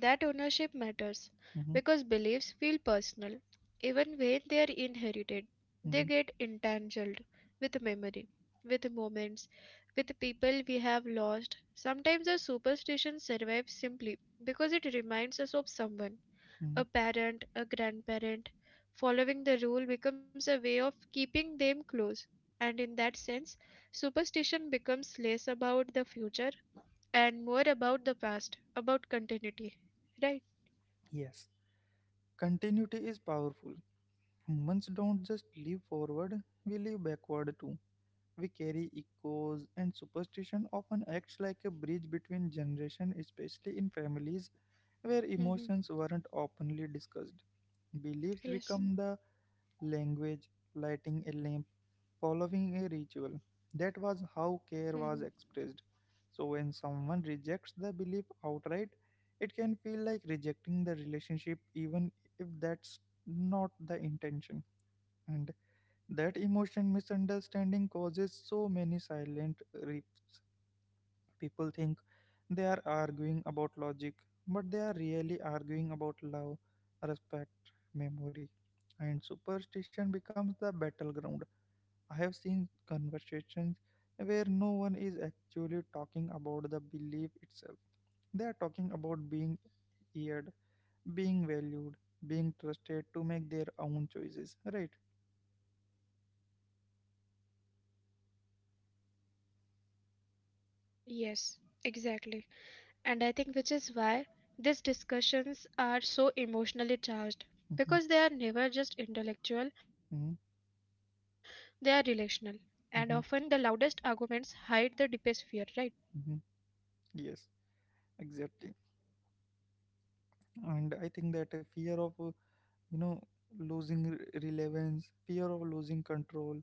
Speaker 2: That ownership matters
Speaker 1: Hmm.
Speaker 2: because beliefs feel personal even when they are inherited. They
Speaker 1: Hmm.
Speaker 2: get entangled with memory, with moments, with people we have lost. Sometimes a superstition survives simply because it reminds us of someone,
Speaker 1: Hmm.
Speaker 2: a parent, a grandparent. Following the rule becomes a way of keeping them close. And in that sense, superstition becomes less about the future and more about the past, about continuity, right?
Speaker 1: Yes. Continuity is powerful. Humans don't just live forward, we live backward too. We carry echoes, and superstition often acts like a bridge between generations, especially in families where
Speaker 2: Mm-hmm.
Speaker 1: emotions weren't openly discussed. Beliefs
Speaker 2: Yes.
Speaker 1: become the language, lighting a lamp, following a ritual. That was how
Speaker 2: Mm-hmm.
Speaker 1: care was expressed. So, when someone rejects the belief outright, it can feel like rejecting the relationship, even if that's not the intention. And that emotion misunderstanding causes so many silent rifts. People think they are arguing about logic, but they are really arguing about love, respect, memory, and superstition becomes the battleground. I have seen conversations where no one is actually talking about the belief itself. They are talking about being heard, being valued, being trusted to make their own choices, right?
Speaker 2: Yes, exactly. And I think which is why these discussions are so emotionally charged
Speaker 1: hmm
Speaker 2: because they are never just intellectual, they
Speaker 1: hmm
Speaker 2: are relational. And often the loudest
Speaker 1: hmm
Speaker 2: arguments hide the deepest fear, right?
Speaker 1: hmm Yes, exactly. And I think that a fear of, you know, losing relevance, fear of losing control,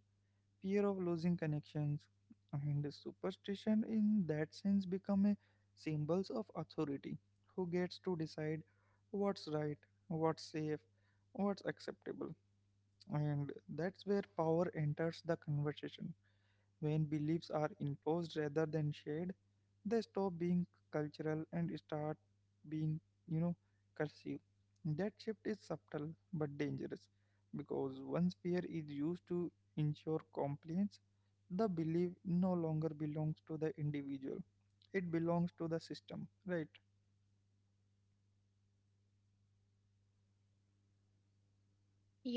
Speaker 1: fear of losing connections, and superstition in that sense become a symbols of authority. Who gets to decide what's right, what's safe, what's acceptable? And that's where power enters the conversation. When beliefs are imposed rather than shared, they stop being cultural and start being, you know, cursive. That shift is subtle but dangerous because once fear is used to ensure compliance, the belief no longer belongs to the individual. It belongs to the system, right?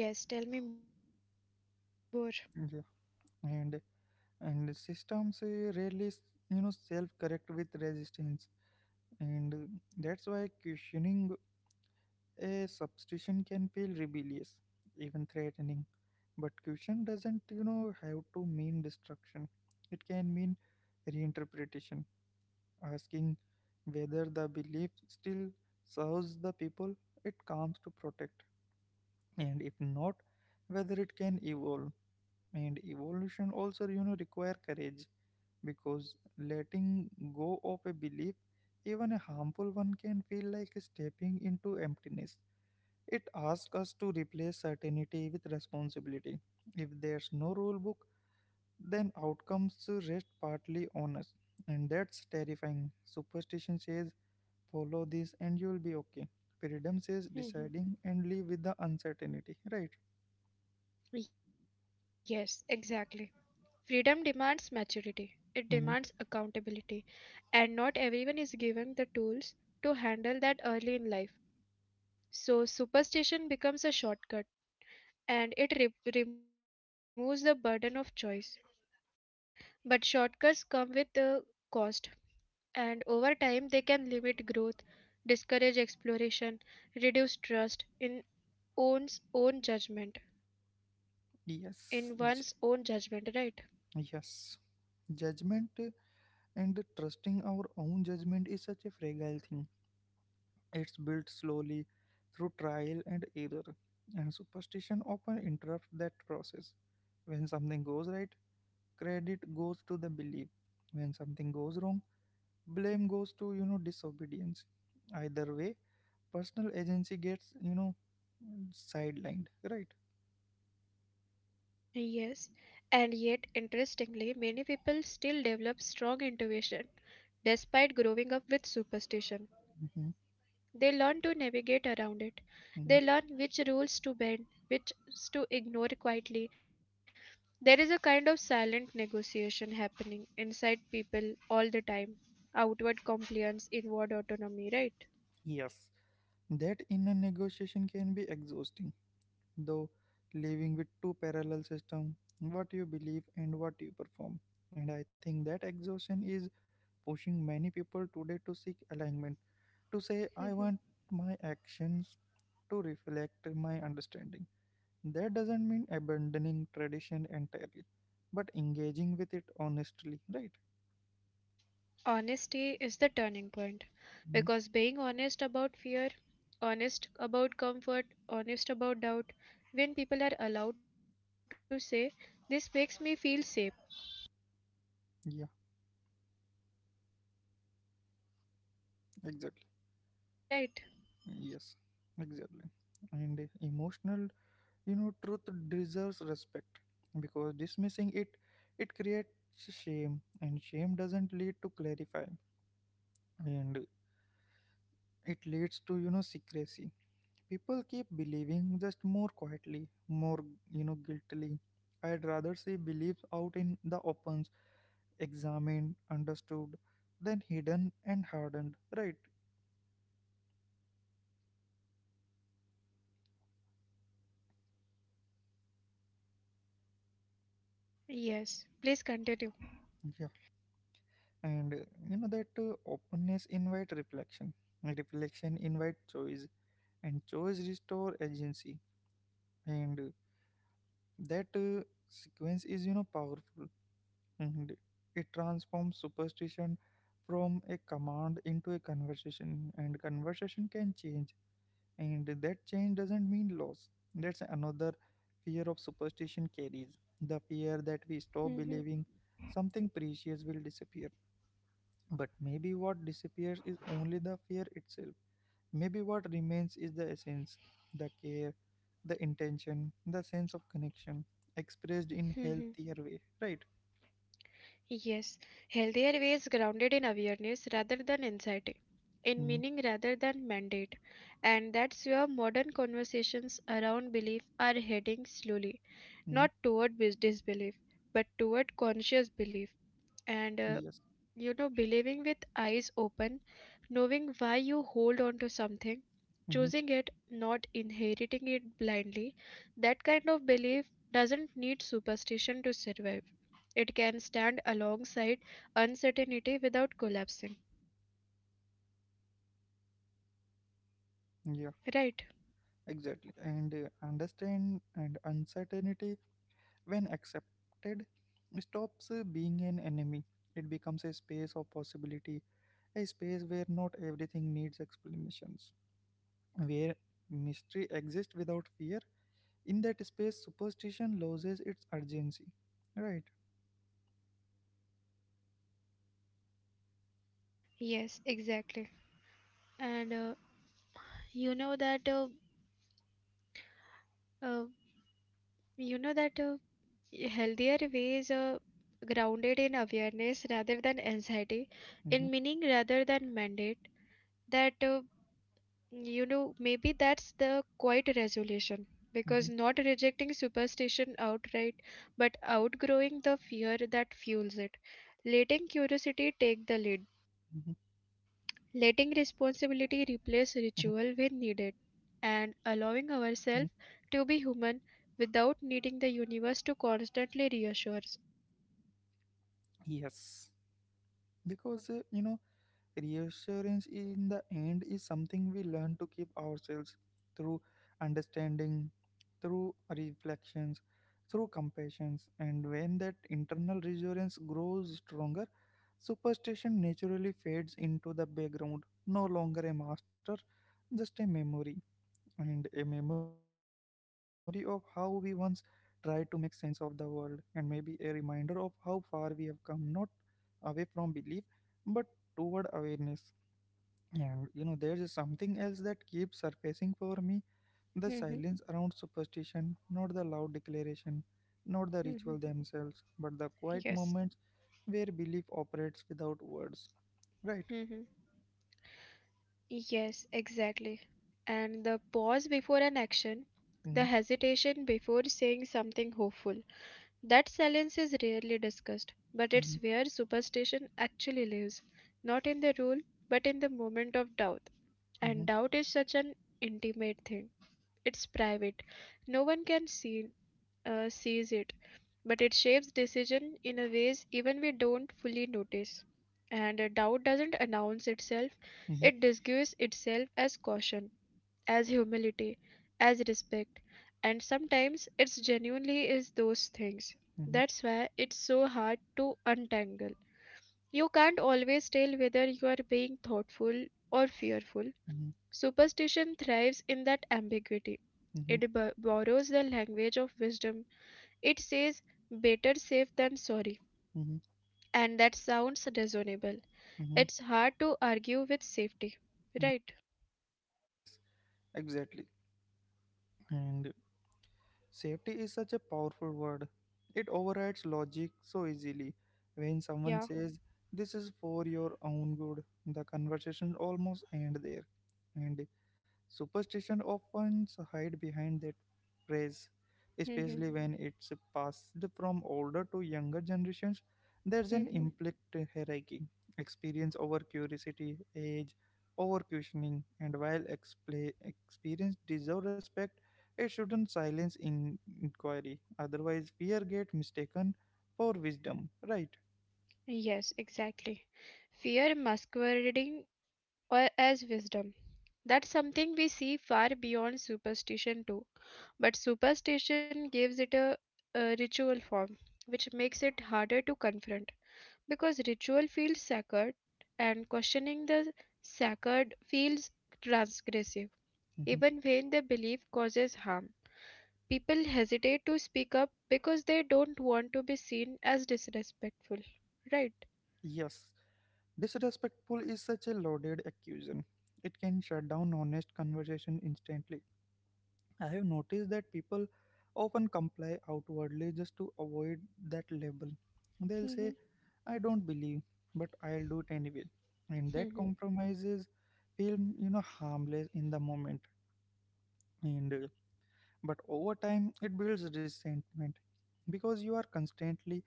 Speaker 2: Yes, tell me more.
Speaker 1: Yeah. And and systems rarely, self-correct with resistance, and that's why questioning a substitution can feel rebellious, even threatening, but caution doesn't, have to mean destruction. It can mean reinterpretation, asking whether the belief still serves the people it comes to protect, and if not, whether it can evolve. And evolution also, require courage, because letting go of a belief, even a harmful one, can feel like stepping into emptiness. It asks us to replace certainty with responsibility. If there's no rule book, then outcomes rest partly on us. And that's terrifying. Superstition says, follow this and you'll be okay. Freedom says,
Speaker 2: Hmm.
Speaker 1: deciding and live with the uncertainty, right?
Speaker 2: Yes, exactly. Freedom demands maturity. It demands
Speaker 1: Mhm.
Speaker 2: accountability, and not everyone is given the tools to handle that early in life. So, superstition becomes a shortcut and it removes the burden of choice. But shortcuts come with a cost, and over time they can limit growth, discourage exploration, reduce trust in one's own judgment,
Speaker 1: Yes,
Speaker 2: in one's own judgment, right?
Speaker 1: yes. Judgment and trusting our own judgment is such a fragile thing. It's built slowly through trial and error, and superstition often interrupts that process. When something goes right, credit goes to the belief. When something goes wrong, blame goes to, disobedience. Either way, personal agency gets, sidelined, right?
Speaker 2: Yes, and yet interestingly, many people still develop strong intuition despite growing up with superstition.
Speaker 1: hmm
Speaker 2: They learn to navigate around it. They learn
Speaker 1: hmm
Speaker 2: which rules to bend, which to ignore quietly. There is a kind of silent negotiation happening inside people all the time. Outward compliance, inward autonomy, right?
Speaker 1: Yes, that inner negotiation can be exhausting, though, living with two parallel systems: what you believe and what you perform. And I think that exhaustion is pushing many people today to seek alignment, to say,
Speaker 2: Mhm.
Speaker 1: I want my actions to reflect my understanding. That doesn't mean abandoning tradition entirely, but engaging with it honestly, right?
Speaker 2: Honesty is the turning point
Speaker 1: hmm
Speaker 2: because being honest about fear, honest about comfort, honest about doubt, when people are allowed to say, this makes me feel safe,
Speaker 1: Yeah, exactly.
Speaker 2: right?
Speaker 1: Yes, exactly. And emotional, truth deserves respect, because dismissing it, it creates shame, and shame doesn't lead to clarifying, and it leads to, secrecy. People keep believing, just more quietly, more, guiltily. I'd rather see beliefs out in the opens, examined, understood, than hidden and hardened, right?
Speaker 2: Yes, please continue.
Speaker 1: Yeah. And you know that openness invite reflection. Reflection invite choice, and choice restore agency, and that sequence is, powerful, and it transforms superstition from a command into a conversation, and conversation can change. And that change doesn't mean loss. That's another fear of superstition carries: the fear that we
Speaker 2: Mhm.
Speaker 1: stop believing something precious will disappear. But maybe what disappears is only the fear itself. Maybe what remains is the essence, the care, the intention, the sense of connection, expressed in
Speaker 2: Mhm.
Speaker 1: healthier way, right?
Speaker 2: Yes, healthier ways grounded in awareness rather than anxiety,
Speaker 1: Mm-hmm.
Speaker 2: in meaning rather than mandate. And that's where modern conversations around belief are heading slowly, not toward disbelief, but toward conscious belief. And
Speaker 1: Yes.
Speaker 2: you know, believing with eyes open, knowing why you hold on to something,
Speaker 1: Mm-hmm.
Speaker 2: choosing it, not inheriting it blindly, that kind of belief doesn't need superstition to survive. It can stand alongside uncertainty without collapsing,
Speaker 1: Yeah,
Speaker 2: right?
Speaker 1: exactly. And understand and uncertainty, when accepted, stops being an enemy. It becomes a space of possibility, a space where not everything needs explanations, where mystery exists without fear. In that space, superstition loses its urgency. Right.
Speaker 2: Yes, exactly. And you know that uh, uh, you know that Healthier ways are grounded in awareness rather than anxiety, in
Speaker 1: Mhm,
Speaker 2: meaning rather than mandate. That you know Maybe that's the quiet resolution because
Speaker 1: mhm,
Speaker 2: not rejecting superstition outright, but outgrowing the fear that fuels it, letting curiosity
Speaker 1: mhm,
Speaker 2: take the lead letting
Speaker 1: mhm,
Speaker 2: responsibility replace ritual when needed, and
Speaker 1: mhm.
Speaker 2: allowing ourselves to be human without needing the universe to constantly reassure us.
Speaker 1: Yes, because reassurance in the end is something we learn to give ourselves through understanding, through reflections, through compassions, and when that internal reassurance grows stronger, superstition naturally fades into the background, no longer a master, just a memory, and a memory of how we once tried to make sense of the world, and maybe a reminder of how far we have come, not away from belief, but toward awareness. And you know, there is something else that keeps surfacing for me: the
Speaker 2: Mhm,
Speaker 1: silence around superstition, not the loud declaration, not the
Speaker 2: mhm.
Speaker 1: ritual themselves, but the quiet
Speaker 2: Yes.
Speaker 1: moments where belief operates without words. Right?
Speaker 2: Mhm. Yes, exactly. And the pause before an action, the hesitation before saying something hopeful. That silence is rarely discussed, but it's
Speaker 1: Mm-hmm,
Speaker 2: where superstition actually lives, not in the rule, but in the moment of doubt. And
Speaker 1: mm-hmm,
Speaker 2: doubt is such an intimate thing. It's private. No one can sees it, but it shapes decision in a ways even we don't fully notice. And doubt doesn't announce itself;
Speaker 1: mm-hmm,
Speaker 2: it disguises itself as caution, as humility, as respect, and sometimes it's genuinely is those things.
Speaker 1: mm-hmm,
Speaker 2: That's why it's so hard to untangle. You can't always tell whether you are being thoughtful or fearful.
Speaker 1: mm-hmm,
Speaker 2: Superstition thrives in that ambiguity.
Speaker 1: mm-hmm, mm-hmm,
Speaker 2: It borrows the language of wisdom. It says, better safe than sorry.
Speaker 1: mm-hmm.
Speaker 2: And that sounds reasonable.
Speaker 1: mm-hmm,
Speaker 2: It's hard to argue with safety,
Speaker 1: mm-hmm.
Speaker 2: right?
Speaker 1: Yes, exactly. And safety is such a powerful word. It overrides logic so easily. When someone
Speaker 2: Yeah.
Speaker 1: says, this is for your own good, the conversation almost ends there. And superstition often hide behind that phrase,
Speaker 2: Hmm.
Speaker 1: especially when it's passed from older to younger generations. There's an
Speaker 2: Hmm.
Speaker 1: implicit hierarchy: experience over curiosity, age over questioning, and while expla experience deserves respect, it shouldn't silence inquiry. Otherwise, fear get mistaken for wisdom. Right?
Speaker 2: Yes, exactly. Fear masquerading or as wisdom. That's something we see far beyond superstition too. But superstition gives it a ritual form, which makes it harder to confront. Because ritual feels sacred and questioning the sacred feels transgressive,
Speaker 1: Mhm.
Speaker 2: even when the belief causes harm. People hesitate to speak up because they don't want to be seen as disrespectful, right?
Speaker 1: Yes. Disrespectful is such a loaded accusation. It can shut down honest conversation instantly. I have noticed that people often comply outwardly just to avoid that label. They'll
Speaker 2: Hmm.
Speaker 1: say, I don't believe, but I'll do it anyway. And that
Speaker 2: Hmm.
Speaker 1: compromises feel, harmless in the moment. And But over time it builds resentment because you are constantly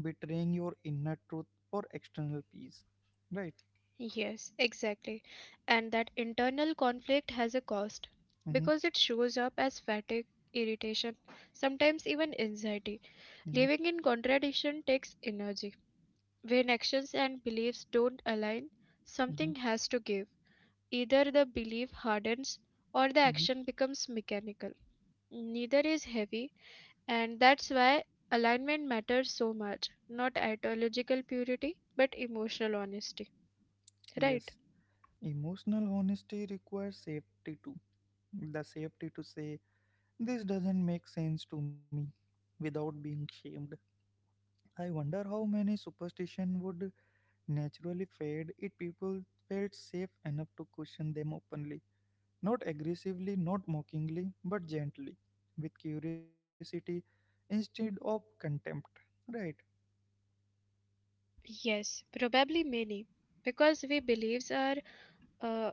Speaker 1: betraying your inner truth for external peace. Right?
Speaker 2: Yes, exactly. And that internal conflict has a cost
Speaker 1: Mm-hmm.
Speaker 2: because it shows up as fatigue, irritation, sometimes even anxiety.
Speaker 1: Mm-hmm.
Speaker 2: Living in contradiction takes energy. When actions and beliefs don't align,
Speaker 1: Mm-hmm.
Speaker 2: something has to give. Either the belief hardens or the
Speaker 1: mm-hmm.
Speaker 2: action becomes mechanical. Neither is heavy, and that's why alignment matters so much. Not ideological purity, but emotional honesty. Right?
Speaker 1: Yes, emotional honesty requires safety too. The safety to say, this doesn't make sense to me, without being shamed. I wonder how many superstition would naturally fade if people felt safe enough to question them openly. Not aggressively, not mockingly, but gently. With curiosity instead of contempt. Right.
Speaker 2: Yes, probably many. Because we beliefs are uh,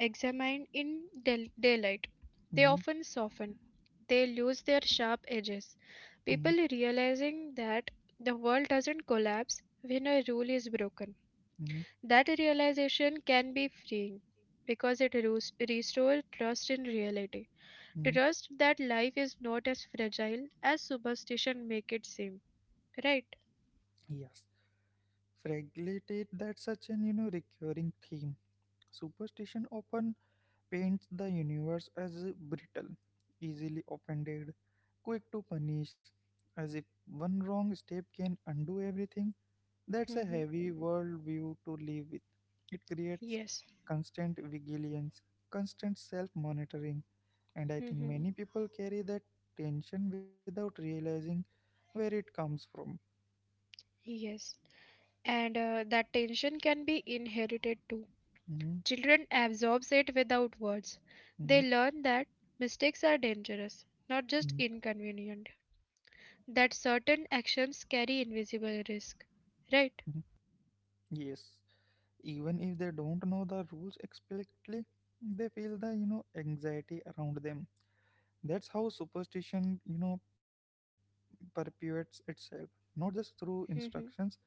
Speaker 2: examined in daylight, they
Speaker 1: mm
Speaker 2: often soften. They lose their sharp edges.
Speaker 1: mm
Speaker 2: People realizing that the world doesn't collapse when a rule is broken.
Speaker 1: mm
Speaker 2: That realization can be freeing because it restores trust in reality.
Speaker 1: mm.
Speaker 2: Trust that life is not as fragile as superstition make it seem. Right?
Speaker 1: Yes. Fragility, that's such an, recurring theme. Superstition often paints the universe as brittle, easily offended, quick to punish, as if one wrong step can undo everything. That's a
Speaker 2: Mm-hmm.
Speaker 1: heavy worldview to live with. It creates
Speaker 2: Yes.
Speaker 1: constant vigilance, constant self monitoring, and I think
Speaker 2: Mm-hmm.
Speaker 1: many people carry that tension without realizing where it comes from.
Speaker 2: Yes. And that tension can be inherited too.
Speaker 1: Mhm,
Speaker 2: Children absorb it without words. They
Speaker 1: mhm,
Speaker 2: learn that mistakes are dangerous, not just
Speaker 1: mhm,
Speaker 2: inconvenient, that certain actions carry invisible risk.
Speaker 1: mhm.
Speaker 2: Right?
Speaker 1: Yes. Even if they don't know the rules explicitly, they feel the, anxiety around them. That's how superstition, perpetuates itself, not just through instructions,
Speaker 2: Mm-hmm.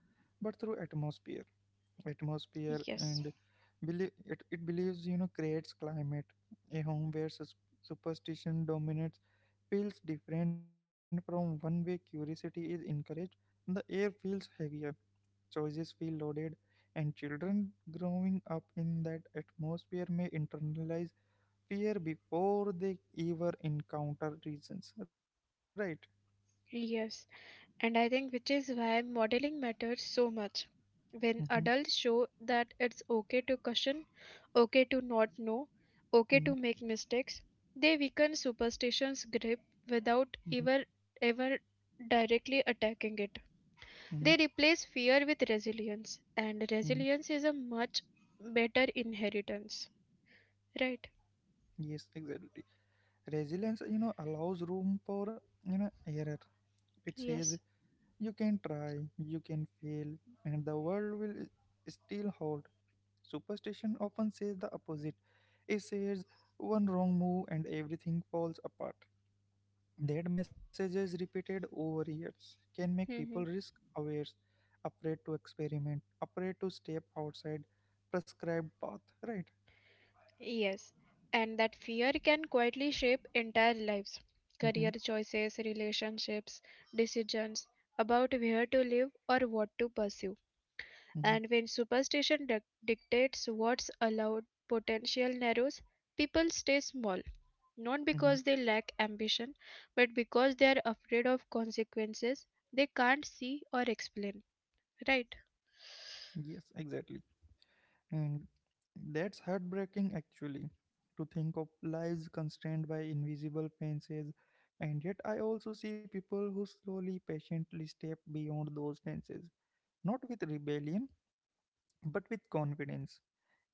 Speaker 1: but through atmosphere
Speaker 2: Yes.
Speaker 1: and believe it, it believes, creates climate. A home where superstition dominates feels different from one way curiosity is encouraged. The air feels heavier, choices feel loaded, and children growing up in that atmosphere may internalize fear before they ever encounter reasons. Right?
Speaker 2: Yes, and I think which is why modeling matters so much.
Speaker 1: Mm-hmm,
Speaker 2: When adults show that it's okay to caution, okay to not know,
Speaker 1: mm-hmm,
Speaker 2: okay to make mistakes, they weaken superstition's grip without
Speaker 1: mm-hmm,
Speaker 2: ever ever directly attacking it.
Speaker 1: mm-hmm.
Speaker 2: They replace fear with resilience, and
Speaker 1: mm-hmm.
Speaker 2: resilience is a much better inheritance, right?
Speaker 1: Yes, exactly. Resilience, allows room for, error. It says
Speaker 2: Yes.
Speaker 1: you can try, you can fail, and the world will still hold. Superstition often says the opposite. It says one wrong move and everything falls apart. That messages repeated over years can make people
Speaker 2: Hmm.
Speaker 1: risk aware, afraid to experiment, afraid to step outside prescribed path. Right?
Speaker 2: Yes, and that fear can quietly shape entire lives, career
Speaker 1: Mm-hmm,
Speaker 2: choices, relationships, decisions about where to live or what to pursue.
Speaker 1: mm-hmm,
Speaker 2: And when superstition dictates what's allowed, potential narrows, people stay small. Not
Speaker 1: mm-hmm.
Speaker 2: because they lack ambition, but because they are afraid of consequences they can't see or explain, right?
Speaker 1: Yes, exactly. And that's heartbreaking actually, to think of lives constrained by invisible fences. And yet I also see people who slowly, patiently step beyond those fences, not with rebellion but with confidence,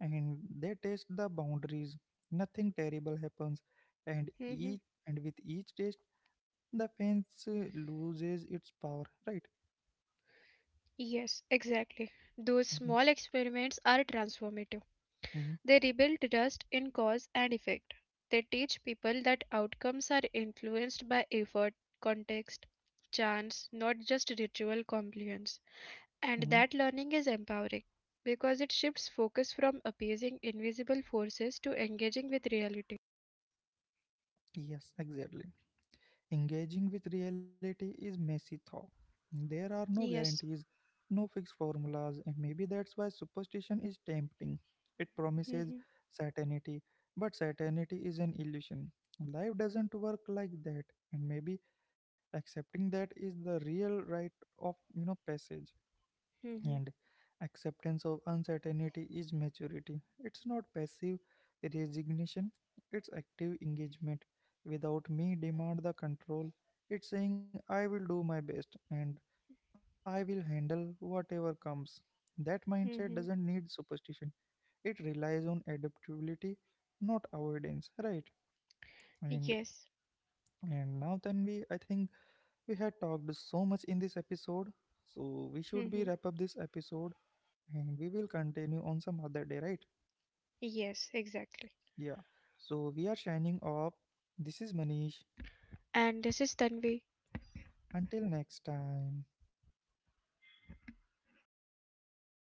Speaker 1: and they test the boundaries. Nothing terrible happens, and
Speaker 2: Hmm.
Speaker 1: each and with each test, the fence loses its power. Right?
Speaker 2: Yes, exactly. Those small
Speaker 1: Mm-hmm,
Speaker 2: experiments are transformative. They
Speaker 1: mm-hmm,
Speaker 2: rebuild trust in cause and effect. They teach people that outcomes are influenced by effort, context, chance, not just ritual compliance. And
Speaker 1: mm-hmm.
Speaker 2: that learning is empowering because it shifts focus from appeasing invisible forces to engaging with reality.
Speaker 1: Yes, exactly. Engaging with reality is messy though. There are no
Speaker 2: Yes.
Speaker 1: guarantees, no fixed formulas, and maybe that's why superstition is tempting. It promises
Speaker 2: Mhm,
Speaker 1: certainty, but certainty is an illusion. Life doesn't work like that, and maybe accepting that is the real rite of, passage.
Speaker 2: mhm,
Speaker 1: And acceptance of uncertainty is maturity. It's not passive resignation, it's active engagement. Without me demand the control, it's saying I will do my best and I will handle whatever comes. That mindset doesn't
Speaker 2: mhm.
Speaker 1: need superstition. It relies on adaptability, not avoidance, right? And
Speaker 2: Yes.
Speaker 1: and now then we I think we had talked so much in this episode. So we should
Speaker 2: Mhm.
Speaker 1: be wrap up this episode and we will continue on some other day, right?
Speaker 2: Yes, exactly.
Speaker 1: Yeah. So we are shining up. This is Manish.
Speaker 2: And this is Tanvi.
Speaker 1: Until next time.